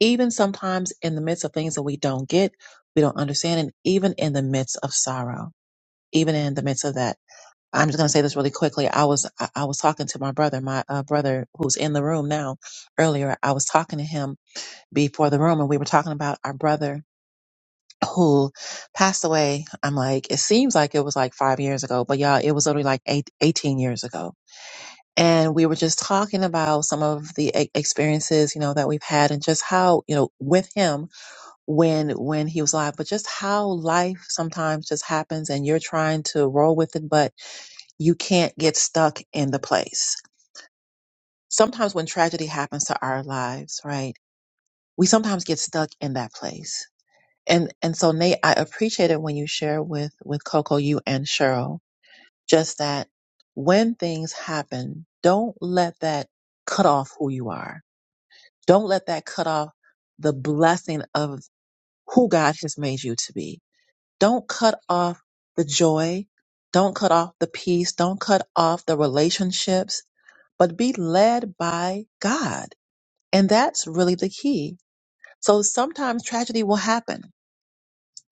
A: even sometimes in the midst of things that we don't get, we don't understand, and even in the midst of sorrow, even in the midst of that. I'm just going to say this really quickly. I was I I was talking to my brother, my uh, brother who's in the room now. Earlier, I was talking to him before the room, and we were talking about our brother who passed away. I'm like, it seems like it was like five years ago, but y'all, it was only like eight, 18 years ago. And we were just talking about some of the e- experiences, you know, that we've had and just how, you know, with him when, when he was alive, but just how life sometimes just happens and you're trying to roll with it, but you can't get stuck in the place. Sometimes when tragedy happens to our lives, right? We sometimes get stuck in that place And and so Nate, I appreciate it when you share with with Coco, you and Cheryl, just that when things happen, don't let that cut off who you are. Don't let that cut off the blessing of who God has made you to be. Don't cut off the joy. Don't cut off the peace. Don't cut off the relationships, but be led by God. And that's really the key. So sometimes tragedy will happen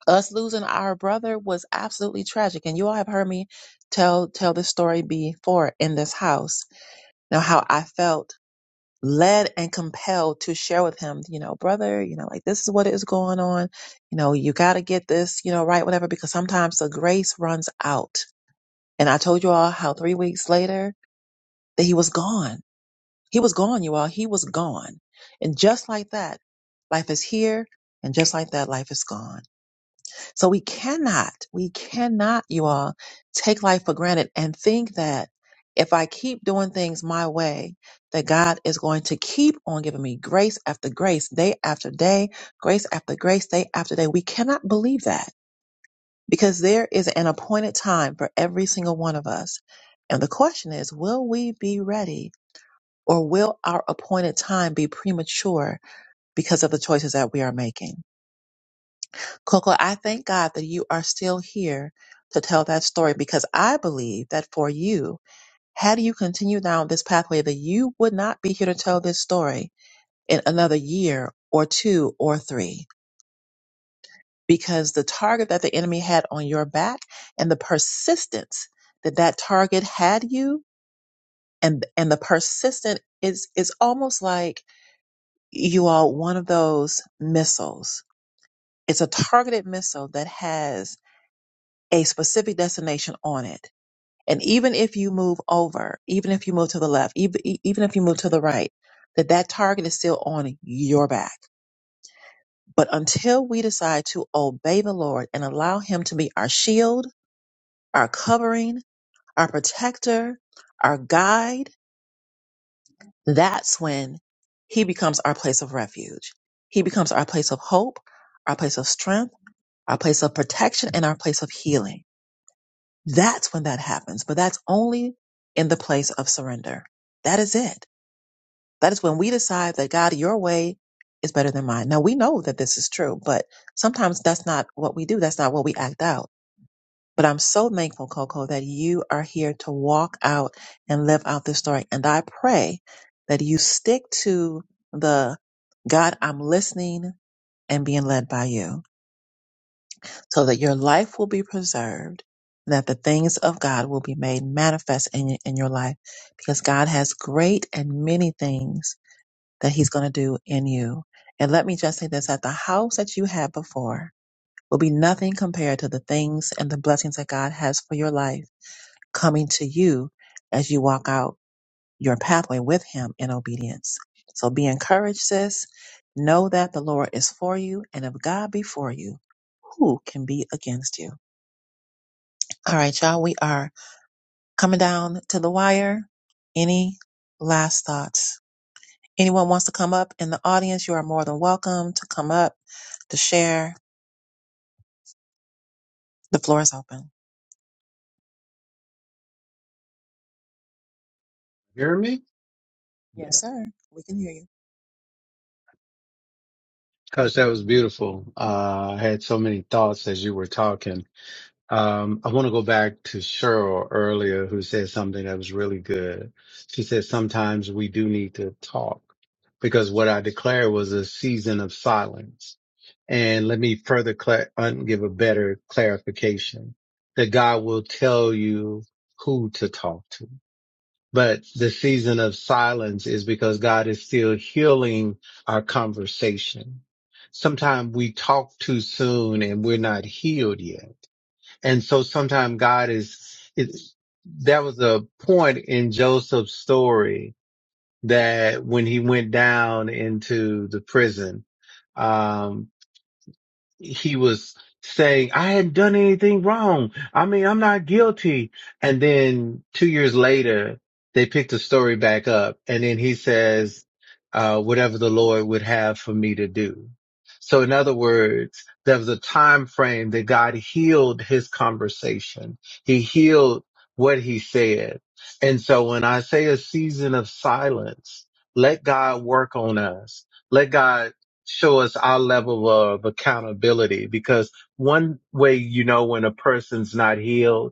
A: us losing our brother was absolutely tragic and you all have heard me tell tell this story before in this house now how i felt led and compelled to share with him you know brother you know like this is what is going on you know you got to get this you know right whatever because sometimes the grace runs out and i told you all how three weeks later that he was gone he was gone you all he was gone and just like that life is here and just like that life is gone So we cannot, we cannot, you all, take life for granted and think that if I keep doing things my way, that God is going to keep on giving me grace after grace, day after day, grace after grace, day after day. We cannot believe that because there is an appointed time for every single one of us. And the question is, will we be ready or will our appointed time be premature because of the choices that we are making? Coco, I thank God that you are still here to tell that story because I believe that for you, had you continued down this pathway, that you would not be here to tell this story in another year or two or three because the target that the enemy had on your back and the persistence that that target had you and and the persistent is is almost like you are one of those missiles. It's a targeted missile that has a specific destination on it And even if you move over, even if you move to the left, even, even if you move to the right, that that target is still on your back. But until we decide to obey the Lord and allow him to be our shield, our covering, our protector, our guide, that's when he becomes our place of refuge. He becomes our place of hope, our place of strength, our place of protection, and our place of healing. That's when that happens, but that's only in the place of surrender. That is it That is when we decide that God, your way is better than mine. Now we know that this is true, but sometimes that's not what we do. That's not what we act out. But I'm so thankful, Coco, that you are here to walk out and live out this story. And I pray that you stick to the God, I'm listening and being led by you so that your life will be preserved and that the things of God will be made manifest in, in your life because God has great and many things that he's going to do in you. And let me just say this that the house that you had before will be nothing compared to the things and the blessings that God has for your life coming to you as you walk out your pathway with him in obedience. So be encouraged, sis. Know that the Lord is for you, and if God be for you, who can be against you? All right, y'all, we are coming down to the wire. Any last thoughts? Anyone wants to come up in the audience, you are more than welcome to come up to share. The floor is open.
C: You Hear me? Yeah.
A: Yes, sir. We can hear you.
C: Coach, that was beautiful. Uh, I had so many thoughts as you were talking. Um, I want to go back to Cheryl earlier, who said something that was really good. She said, Sometimes we do need to talk because what I declared was a season of silence. And let me further cla un- give a better clarification that God will tell you who to talk to. But the season of silence is because God is still healing our conversation. Sometimes we talk too soon and we're not healed yet. And so sometimes God is, is, there was a point in Joseph's story that when he went down into the prison, um, he was saying, I hadn't done anything wrong. I mean, I'm not guilty. And then two years later, they picked the story back up. And then he says, uh, whatever the Lord would have for me to do. So in other words, there was a time frame that God healed his conversation. He healed what he said. And so when I say a season of silence, let God work on us. Let God show us our level of accountability because one way you know when a person's not healed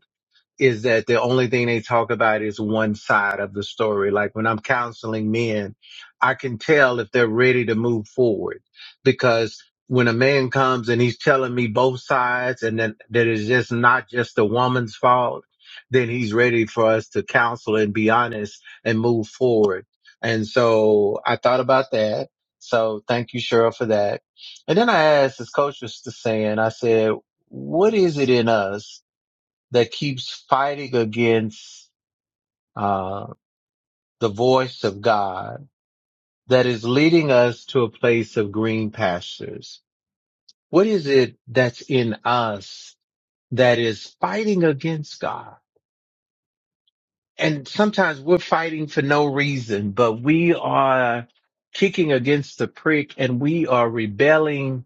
C: is that the only thing they talk about is one side of the story. Like when I'm counseling men, I can tell if they're ready to move forward because when a man comes and he's telling me both sides and that, that it's just not just the woman's fault, then he's ready for us to counsel and be honest and move forward. And so I thought about that. So thank you, Cheryl, for that. And then I asked, as Coach was saying, I said, what is it in us that keeps fighting against uh, the voice of God that is leading us to a place of green pastures? What is it that's in us that is fighting against God? And sometimes we're fighting for no reason, but we are kicking against the prick and we are rebelling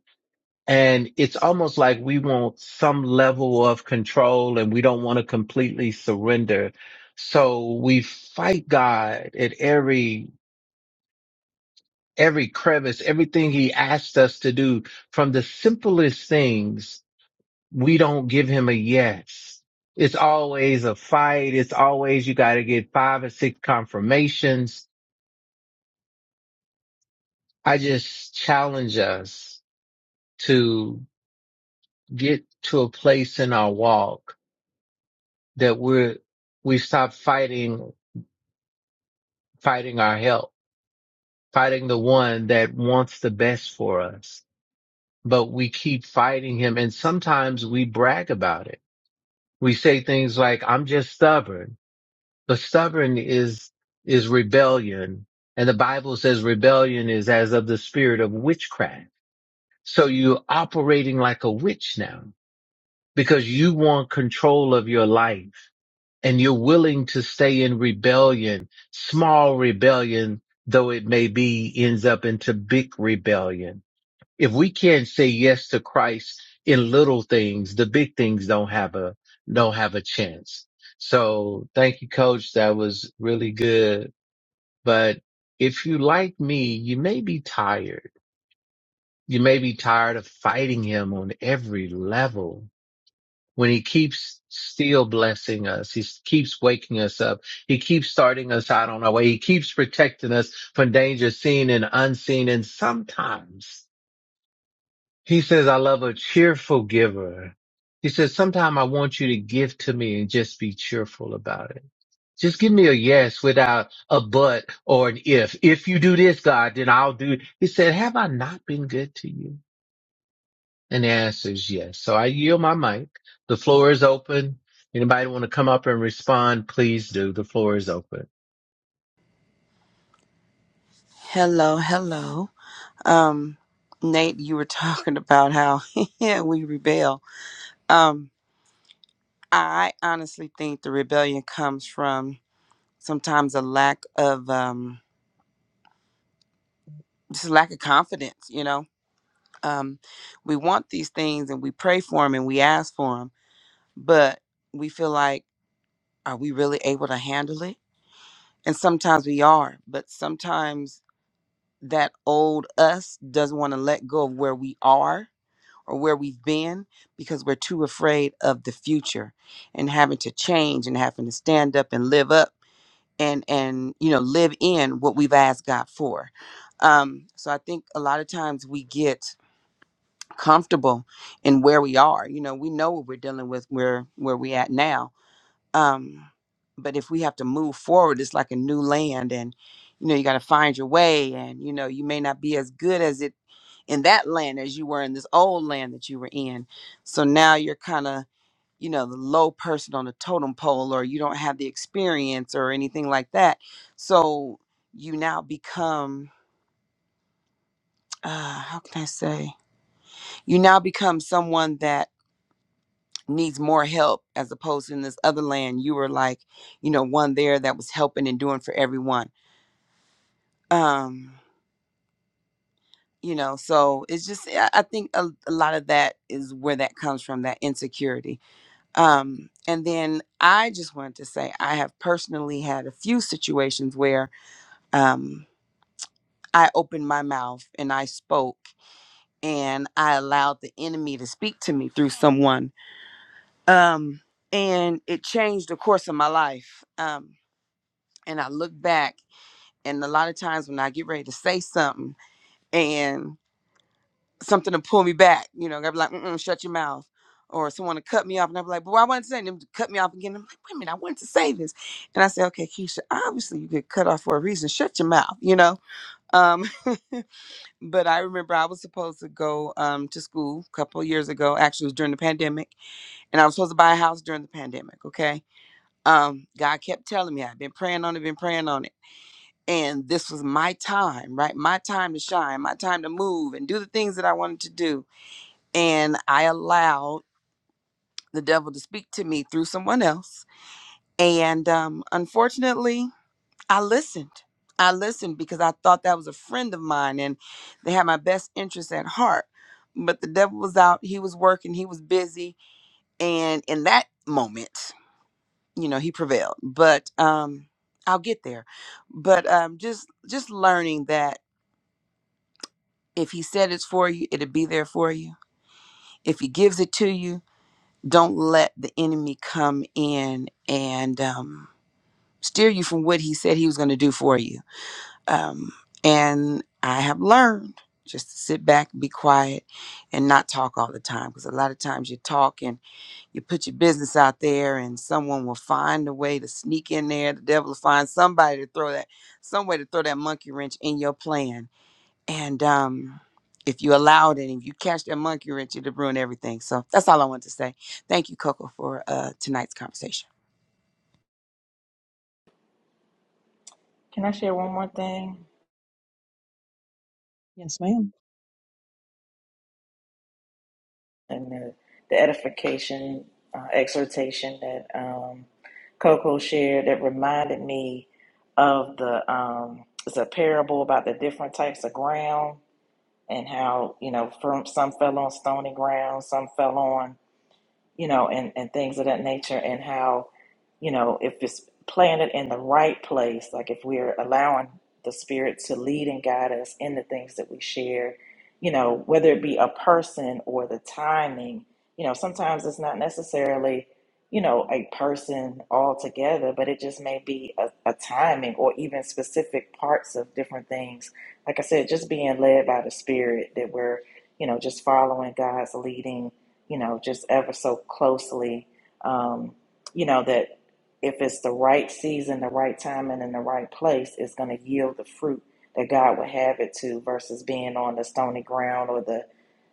C: And it's almost like we want some level of control and we don't want to completely surrender. So we fight God at every, every crevice, everything he asked us to do from the simplest things. We don't give him a yes. It's always a fight. It's always you got to get five or six confirmations. I just challenge us to get to a place in our walk that we're we stop fighting fighting our help, fighting the one that wants the best for us. But we keep fighting him and sometimes we brag about it. We say things like, I'm just stubborn. But stubborn is is rebellion. And the Bible says rebellion is as of the spirit of witchcraft. So you're operating like a witch now because you want control of your life and you're willing to stay in rebellion, small rebellion, though it may be ends up into big rebellion. If we can't say yes to Christ in little things, the big things don't have a, don't have a chance. So thank you, coach. That was really good. But if you like me, you may be tired. You may be tired of fighting him on every level when he keeps still blessing us. He keeps waking us up. He keeps starting us out on our way. He keeps protecting us from danger seen and unseen. And sometimes he says, I love a cheerful giver. He says, sometime I want you to give to me and just be cheerful about it. Just give me a yes without a but or an if. If you do this, God, then I'll do. it. He said, have I not been good to you? And the answer is yes. So I yield my mic. The floor is open. Anybody want to come up and respond? Please do. The floor is open.
E: Hello, hello. Um, Nate, you were talking about how yeah, we rebel. Um, I honestly think the rebellion comes from sometimes a lack of um, just a lack of confidence. You know, um, we want these things and we pray for them and we ask for them, but we feel like, are we really able to handle it? And sometimes we are, but sometimes that old us doesn't want to let go of where we are or where we've been because we're too afraid of the future and having to change and having to stand up and live up and and you know live in what we've asked God for. Um, so I think a lot of times we get comfortable in where we are. You know, we know what we're dealing with where where we at now, um but if we have to move forward it's like a new land and you know you got to find your way and you know you may not be as good as it in that land as you were in this old land that you were in so now you're kind of you know the low person on the totem pole or you don't have the experience or anything like that so you now become uh how can i say you now become someone that needs more help as opposed to in this other land you were like you know one there that was helping and doing for everyone um you know so it's just i I think a, a lot of that is where that comes from that insecurity um and then i just wanted to say i have personally had a few situations where um i opened my mouth and i spoke and i allowed the enemy to speak to me through someone um and it changed the course of my life um and I look back, and a lot of times when I get ready to say something and something to pull me back, you know, I'll be like, Mm-mm, shut your mouth. Or someone to cut me off, and I'll be like, but why wasn't saying them to cut me off again? I'm like, wait a minute, I wanted to say this. And I say, okay, Keisha, obviously you get cut off for a reason. Shut your mouth, you know? Um, but I remember I was supposed to go um, to school a couple of years ago, actually, it was during the pandemic, and I was supposed to buy a house during the pandemic, okay? Um, God kept telling me, I've been praying on it, been praying on it and this was my time, right? My time to shine, my time to move and do the things that I wanted to do. And I allowed the devil to speak to me through someone else. And um, unfortunately, I listened. I listened because I thought that was a friend of mine and they had my best interest at heart. But the devil was out, he was working, he was busy. And in that moment, you know, he prevailed. But um, I'll get there. But um, just just learning that If he said it's for you, it'll be there for you. If he gives it to you, don't let the enemy come in and um, steer you from what he said he was going to do for you. Um, and I have learned just to sit back, be quiet, and not talk all the time because a lot of times you talk and you put your business out there, and someone will find a way to sneak in there. The devil will find somebody to throw that, some way to throw that monkey wrench in your plan and um, if you allowed it, and if you catch that monkey wrench, it'd ruin everything. So that's all I wanted to say. Thank you, Coco, for uh, tonight's conversation.
G: Can I share one more thing?
A: Yes, ma'am.
G: and the, the edification, uh, exhortation that um, Coco shared that reminded me of the um, it's a parable about the different types of ground and how you know from some fell on stony ground, some fell on you know, and, and things of that nature, and how, you know, if it's planted in the right place, like if we're allowing the Spirit to lead and guide us in the things that we share, you know, whether it be a person or the timing, you know, sometimes it's not necessarily, you know, a person altogether, but it just may be a, a timing or even specific parts of different things. Like I said, just being led by the Spirit that we're, you know, just following God's leading you know, just ever so closely, um, you know, that if it's the right season, the right time, and in the right place, it's going to yield the fruit that God would have it to versus being on the stony ground or the,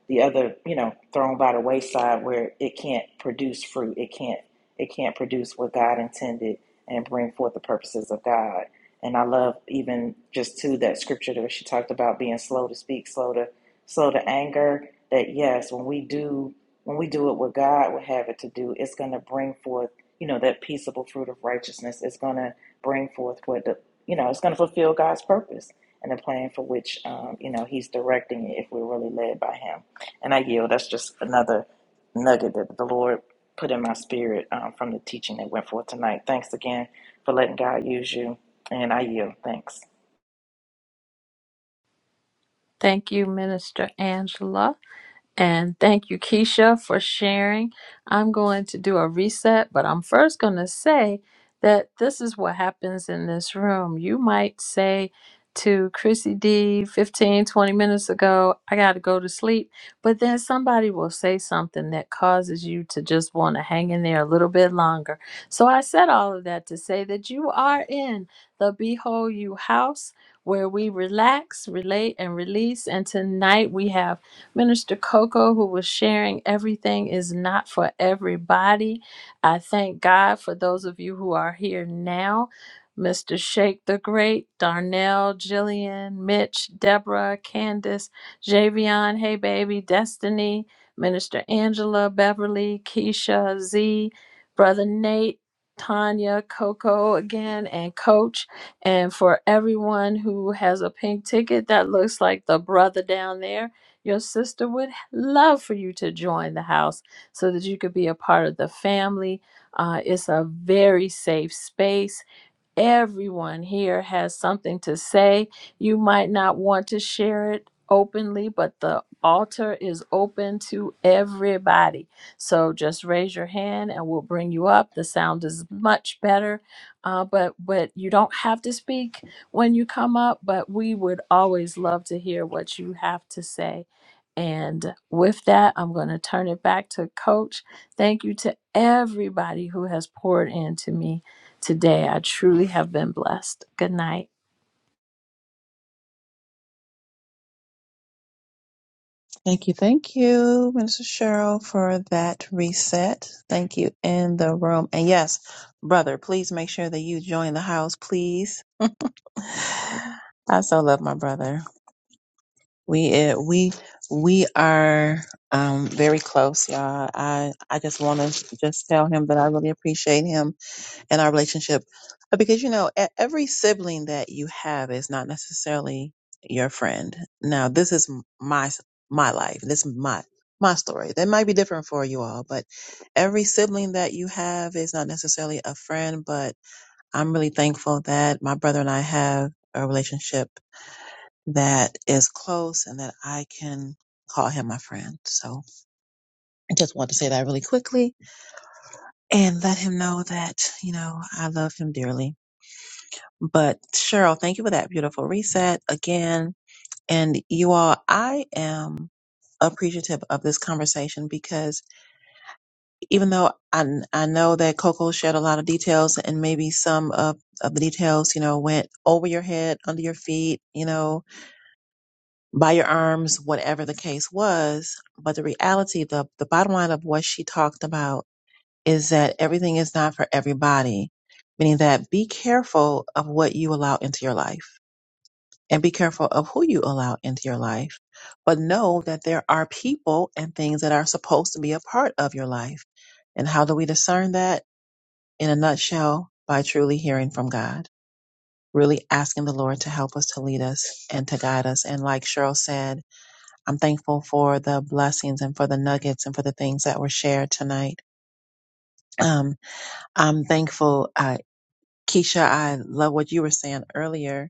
G: the other, you know, thrown by the wayside where it can't produce fruit. It can't, it can't produce what God intended and bring forth the purposes of God. And I love even just too that scripture that she talked about being slow to speak, slow to so the anger that yes, when we do when we do it what God would have it to do, it's going to bring forth you know that peaceable fruit of righteousness. It's going to bring forth what the you know it's going to fulfill God's purpose and the plan for which um, you know He's directing it if we're really led by Him. And I yield. That's just another nugget that the Lord put in my spirit um, from the teaching that went forth tonight. Thanks again for letting God use you. And I yield. Thanks.
F: Thank you, Minister Angela. And thank you, Keisha, for sharing. I'm going to do a reset, but I'm first going to say that this is what happens in this room. You might say to Chrissy D 15, 20 minutes ago, I got to go to sleep. But then somebody will say something that causes you to just want to hang in there a little bit longer. So I said all of that to say that you are in the Behold You house where we relax, relate, and release. And tonight we have. Minister Coco, who was sharing everything is not for everybody. I thank God for those of you who are here now. Mr. Shake the Great, Darnell, Jillian, Mitch, Deborah, Candace, Javion, Hey Baby, Destiny, Minister Angela, Beverly, Keisha, Z, Brother Nate, Tanya, Coco again, and Coach. And for everyone who has a pink ticket, that looks like the brother down there. Your sister would love for you to join the house so that you could be a part of the family. Uh, it's a very safe space. Everyone here has something to say. You might not want to share it openly, but the altar is open to everybody. So just raise your hand and we'll bring you up. The sound is much better, uh, but but you don't have to speak when you come up. But we would always love to hear what you have to say. And with that, I'm going to turn it back to Coach. Thank you to everybody who has poured into me today. I truly have been blessed. Good night.
A: Thank you. Thank you, Minister Cheryl, for that reset. Thank you in the room. And yes, brother, please make sure that you join the house, please. I so love my brother. We eh, we we are um, very close, y'all. I I just want to just tell him that I really appreciate him in our relationship Uh, because you know e- every sibling that you have is not necessarily your friend now this is m- my s- my life this is my my story that might be different for you all but every sibling that you have is not necessarily a friend but i'm really thankful that my brother and i have a relationship that is close and that i can call him my friend so i just want to say that really quickly and let him know that you know i love him dearly But Cheryl, thank you for that beautiful reset again. And you all, I am appreciative of this conversation because even though I, I know that Coco shared a lot of details and maybe some of, of the details, you know, went over your head, under your feet, you know, by your arms, whatever the case was. But the reality, the, the bottom line of what she talked about is that everything is not for everybody, meaning that be careful of what you allow into your life and be careful of who you allow into your life. But know that there are people and things that are supposed to be a part of your life. And how do we discern that? In a nutshell, by truly hearing from God, really asking the Lord to help us, to lead us, and to guide us. And like Cheryl said, I'm thankful for the blessings and for the nuggets and for the things that were shared tonight. Um, I'm thankful, uh, Keisha, I love what you were saying earlier,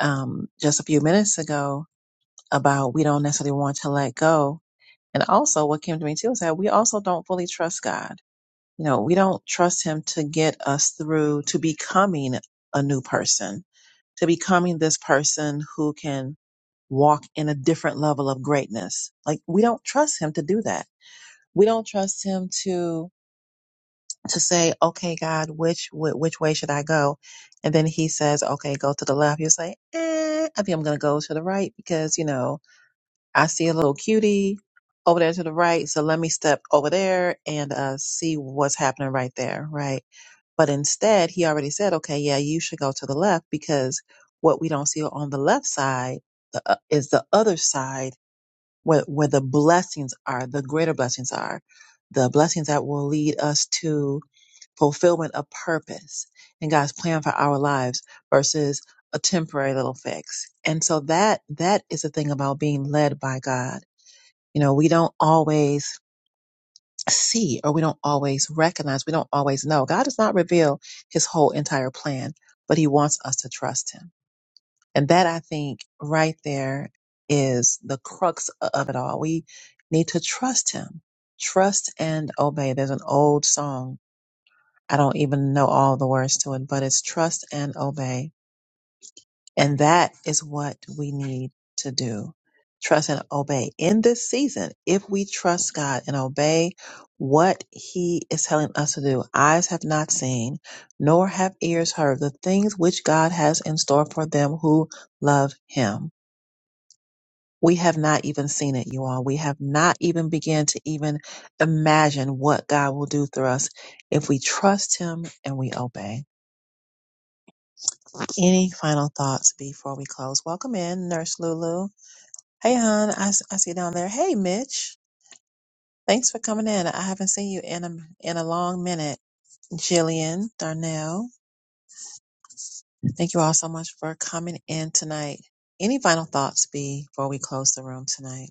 A: um, just a few minutes ago about we don't necessarily want to let go. And also what came to me too is that we also don't fully trust God. You know, we don't trust him to get us through to becoming a new person, to becoming this person who can walk in a different level of greatness. Like we don't trust him to do that. We don't trust him to to say, "Okay, God, which wh- which way should I go?" And then he says, "Okay, go to the left." You say, eh, "I think I'm going to go to the right because you know I see a little cutie over there to the right. So let me step over there and uh, see what's happening right there, right? But instead, he already said, okay, yeah, you should go to the left because what we don't see on the left side the, uh, is the other side where, where the blessings are, the greater blessings are, the blessings that will lead us to fulfillment of purpose and God's plan for our lives versus a temporary little fix. And so that that is the thing about being led by God you know, we don't always see or we don't always recognize, we don't always know. God does not reveal his whole entire plan, but he wants us to trust him. And that I think right there is the crux of it all. We need to trust him. Trust and obey. There's an old song. I don't even know all the words to it, but it's trust and obey And that is what we need to do. Trust and obey. In this season, if we trust God and obey what He is telling us to do, eyes have not seen, nor have ears heard the things which God has in store for them who love Him. We have not even seen it, you all. We have not even begun to even imagine what God will do through us if we trust Him and we obey. Any final thoughts before we close? Welcome in, Nurse Lulu. Hey, hon, I, s- I see you down there. Hey, Mitch. Thanks for coming in. I haven't seen you in a, in a long minute. Jillian, Darnell, thank you all so much for coming in tonight. Any final thoughts be before we close the room tonight?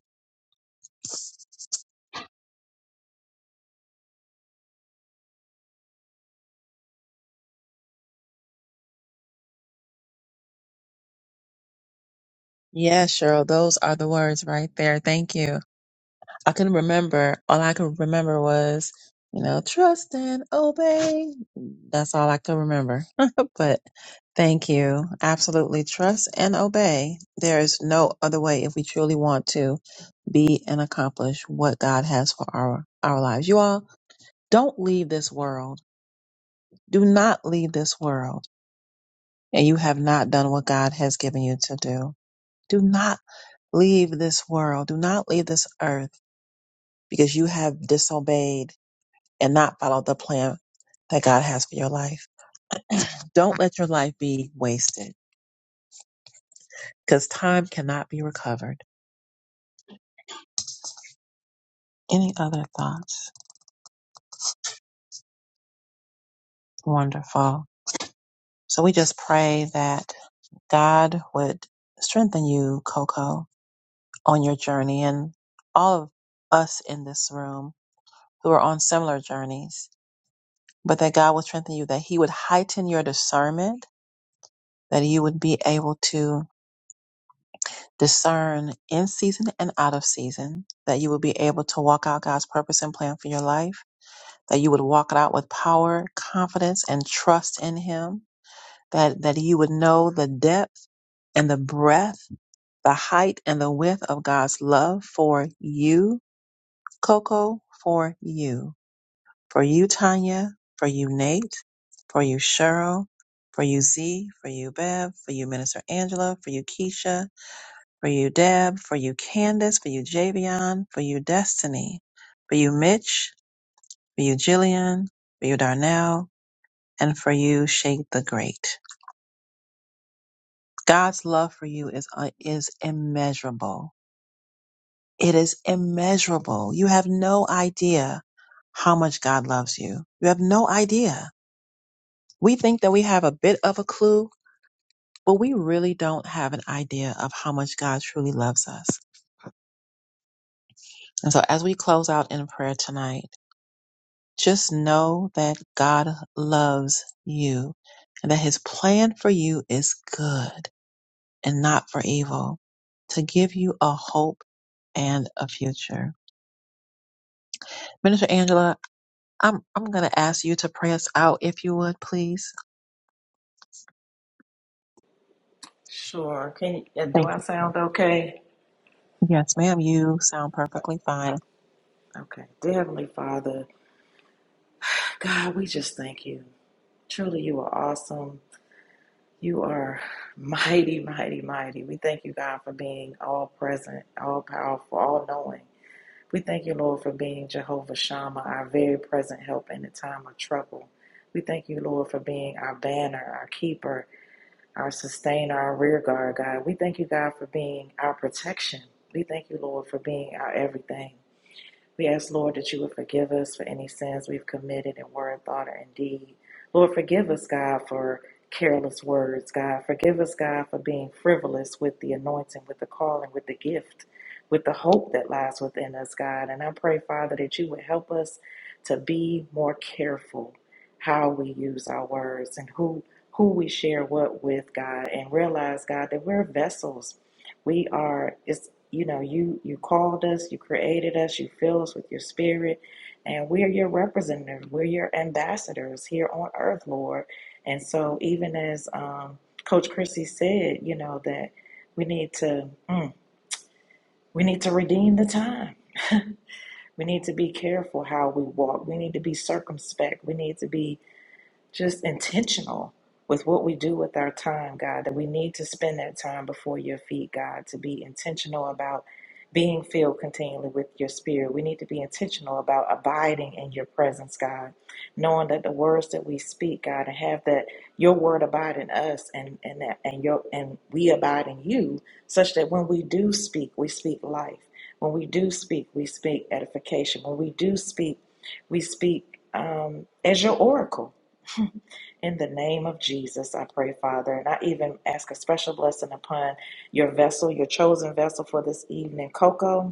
A: Yeah, Cheryl, those are the words right there. Thank you. I couldn't remember. All I could remember was, you know, trust and obey. That's all I could remember. but Thank you. Absolutely. Trust and obey. There is no other way if we truly want to be and accomplish what God has for our, our lives. You all don't leave this world. Do not leave this world. And you have not done what God has given you to do. Do not leave this world. Do not leave this earth because you have disobeyed and not followed the plan that God has for your life. Don't let your life be wasted because time cannot be recovered. Any other thoughts? Wonderful. So we just pray that God would strengthen you, Coco, on your journey and all of us in this room who are on similar journeys, but that God would strengthen you, that He would heighten your discernment, that you would be able to discern in season and out of season, that you would be able to walk out God's purpose and plan for your life, that you would walk it out with power, confidence, and trust in Him that, that you would know the depth and the breadth, the height and the width of God's love for you, Coco, for you, for you, Tanya, for you, Nate, for you, Cheryl, for you, Z, for you, Bev, for you, Minister Angela, for you, Keisha, for you, Deb, for you, Candace, for you, Javion, for you, Destiny, for you, Mitch, for you, Jillian, for you, Darnell, and for you, Shade the Great. God's love for you is uh, is immeasurable. It is immeasurable. You have no idea how much God loves you. You have no idea. We think that we have a bit of a clue, but we really don't have an idea of how much God truly loves us. And so as we close out in prayer tonight, just know that God loves you and that his plan for you is good and not for evil to give you a hope and a future. Minister Angela, I'm I'm going to ask you to pray us out if you would, please.
G: Sure. Can uh, do
A: Thank
G: I
A: you.
G: sound okay?
A: Yes, ma'am. You sound perfectly fine.
G: Okay. Dear Heavenly Father, God, we just thank you. Truly, you are awesome. You are mighty, mighty, mighty. We thank you, God, for being all present, all powerful, all knowing. We thank you, Lord, for being Jehovah Shammah, our very present help in the time of trouble. We thank you, Lord, for being our banner, our keeper, our sustainer, our rear guard, God. We thank you, God, for being our protection. We thank you, Lord, for being our everything. We ask, Lord, that you would forgive us for any sins we've committed in word, thought, or in deed. Lord, forgive us, God, for careless words, God. Forgive us, God, for being frivolous with the anointing, with the calling, with the gift, with the hope that lies within us, God. And I pray, Father, that you would help us to be more careful how we use our words and who who we share what with, God, and realize, God, that we're vessels we are it's you know, you you called us, you created us, you fill us with your spirit, and we are your representatives. We're your ambassadors here on earth, Lord. And so even as um Coach Chrissy said, you know, that we need to mm, we need to redeem the time. We need to be careful how we walk. We need to be circumspect. We need to be just intentional with what we do with our time, God, that we need to spend that time before your feet, God, to be intentional about being filled continually with your spirit. We need to be intentional about abiding in your presence, God, knowing that the words that we speak, God, and have that your word abide in us and and that and your and we abide in you, such that when we do speak, we speak life. When we do speak, we speak edification. When we do speak, we speak um, as your oracle in the name of Jesus, I pray, Father, and I even ask a special blessing upon your vessel, your chosen vessel for this evening, Coco.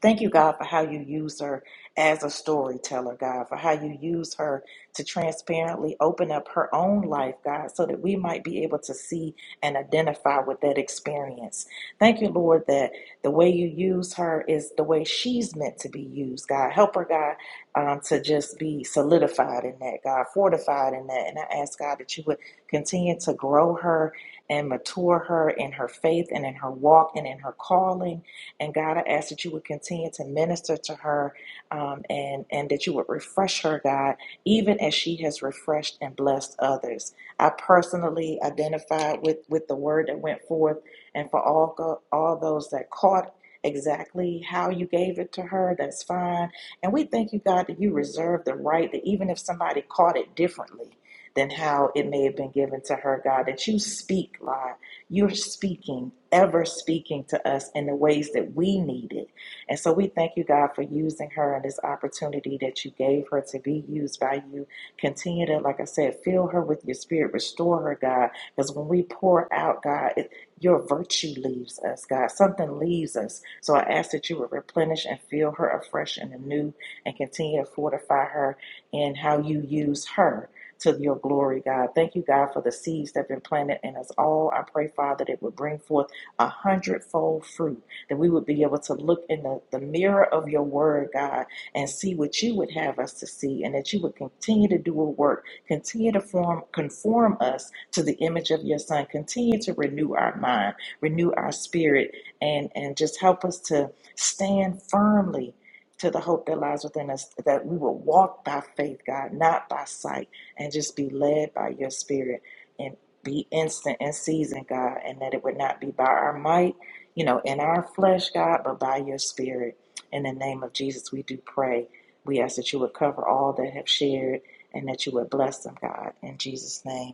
G: Thank you, God, for how you use her as a storyteller, God, for how you use her to transparently open up her own life, God, so that we might be able to see and identify with that experience. Thank you, Lord, that the way you use her is the way she's meant to be used, God. Help her, God, um, to just be solidified in that, God, fortified in that. And I ask, God, that you would continue to grow her and mature her in her faith and in her walk and in her calling and God, I ask that you would continue to minister to her um, and, and that you would refresh her, God, even as she has refreshed and blessed others. I personally identified with, with the word that went forth and for all, all those that caught exactly how you gave it to her, that's fine. And we thank you, God, that you reserve the right that even if somebody caught it differently, than how it may have been given to her, God, that you speak life you're speaking, ever speaking to us in the ways that we need it. And so we thank you, God, for using her and this opportunity that you gave her to be used by you. Continue to, like I said, fill her with your spirit, restore her, God. Because when we pour out, God, it, your virtue leaves us, God. Something leaves us. So I ask that you would replenish and fill her afresh and anew and continue to fortify her in how you use her to your glory, God. Thank you, God, for the seeds that have been planted in us all. I pray, Father, that it would bring forth a hundredfold fruit, that we would be able to look in the, the mirror of your word, God, and see what you would have us to see, and that you would continue to do a work, continue to form conform us to the image of your son, continue to renew our mind, renew our spirit, and, and just help us to stand firmly to the hope that lies within us, that we will walk by faith, God, not by sight and just be led by your spirit and be instant in season, God, and that it would not be by our might, you know, in our flesh, God, but by your spirit. In the name of Jesus, we do pray. We ask that you would cover all that have shared and that you would bless them, God. In Jesus' name,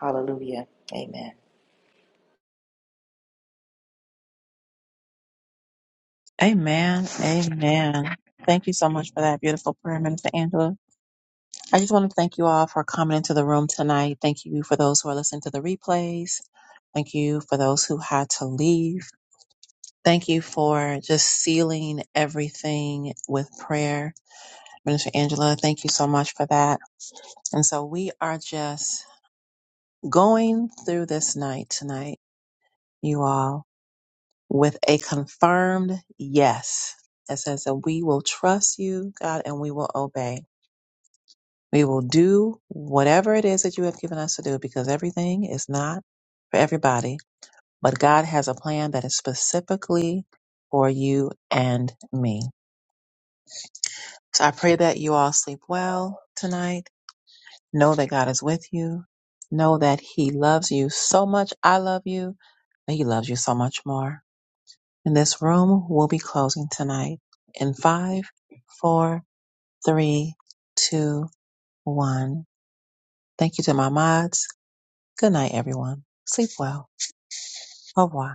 G: hallelujah. Amen.
A: Amen. Amen. Thank you so much for that beautiful prayer, Minister Angela. I just want to thank you all for coming into the room tonight. Thank you for those who are listening to the replays. Thank you for those who had to leave. Thank you for just sealing everything with prayer. Minister Angela, thank you so much for that. And so we are just going through this night tonight, you all, with a confirmed yes that says that we will trust you, God, and we will obey. We will do whatever it is that you have given us to do because everything is not for everybody, but God has a plan that is specifically for you and me. So I pray that you all sleep well tonight. Know that God is with you. Know that He loves you so much. I love you. But he loves you so much more And this room will be closing tonight in five, four, three, two, one. Thank you to my mods. Good night, everyone. Sleep well. Au revoir.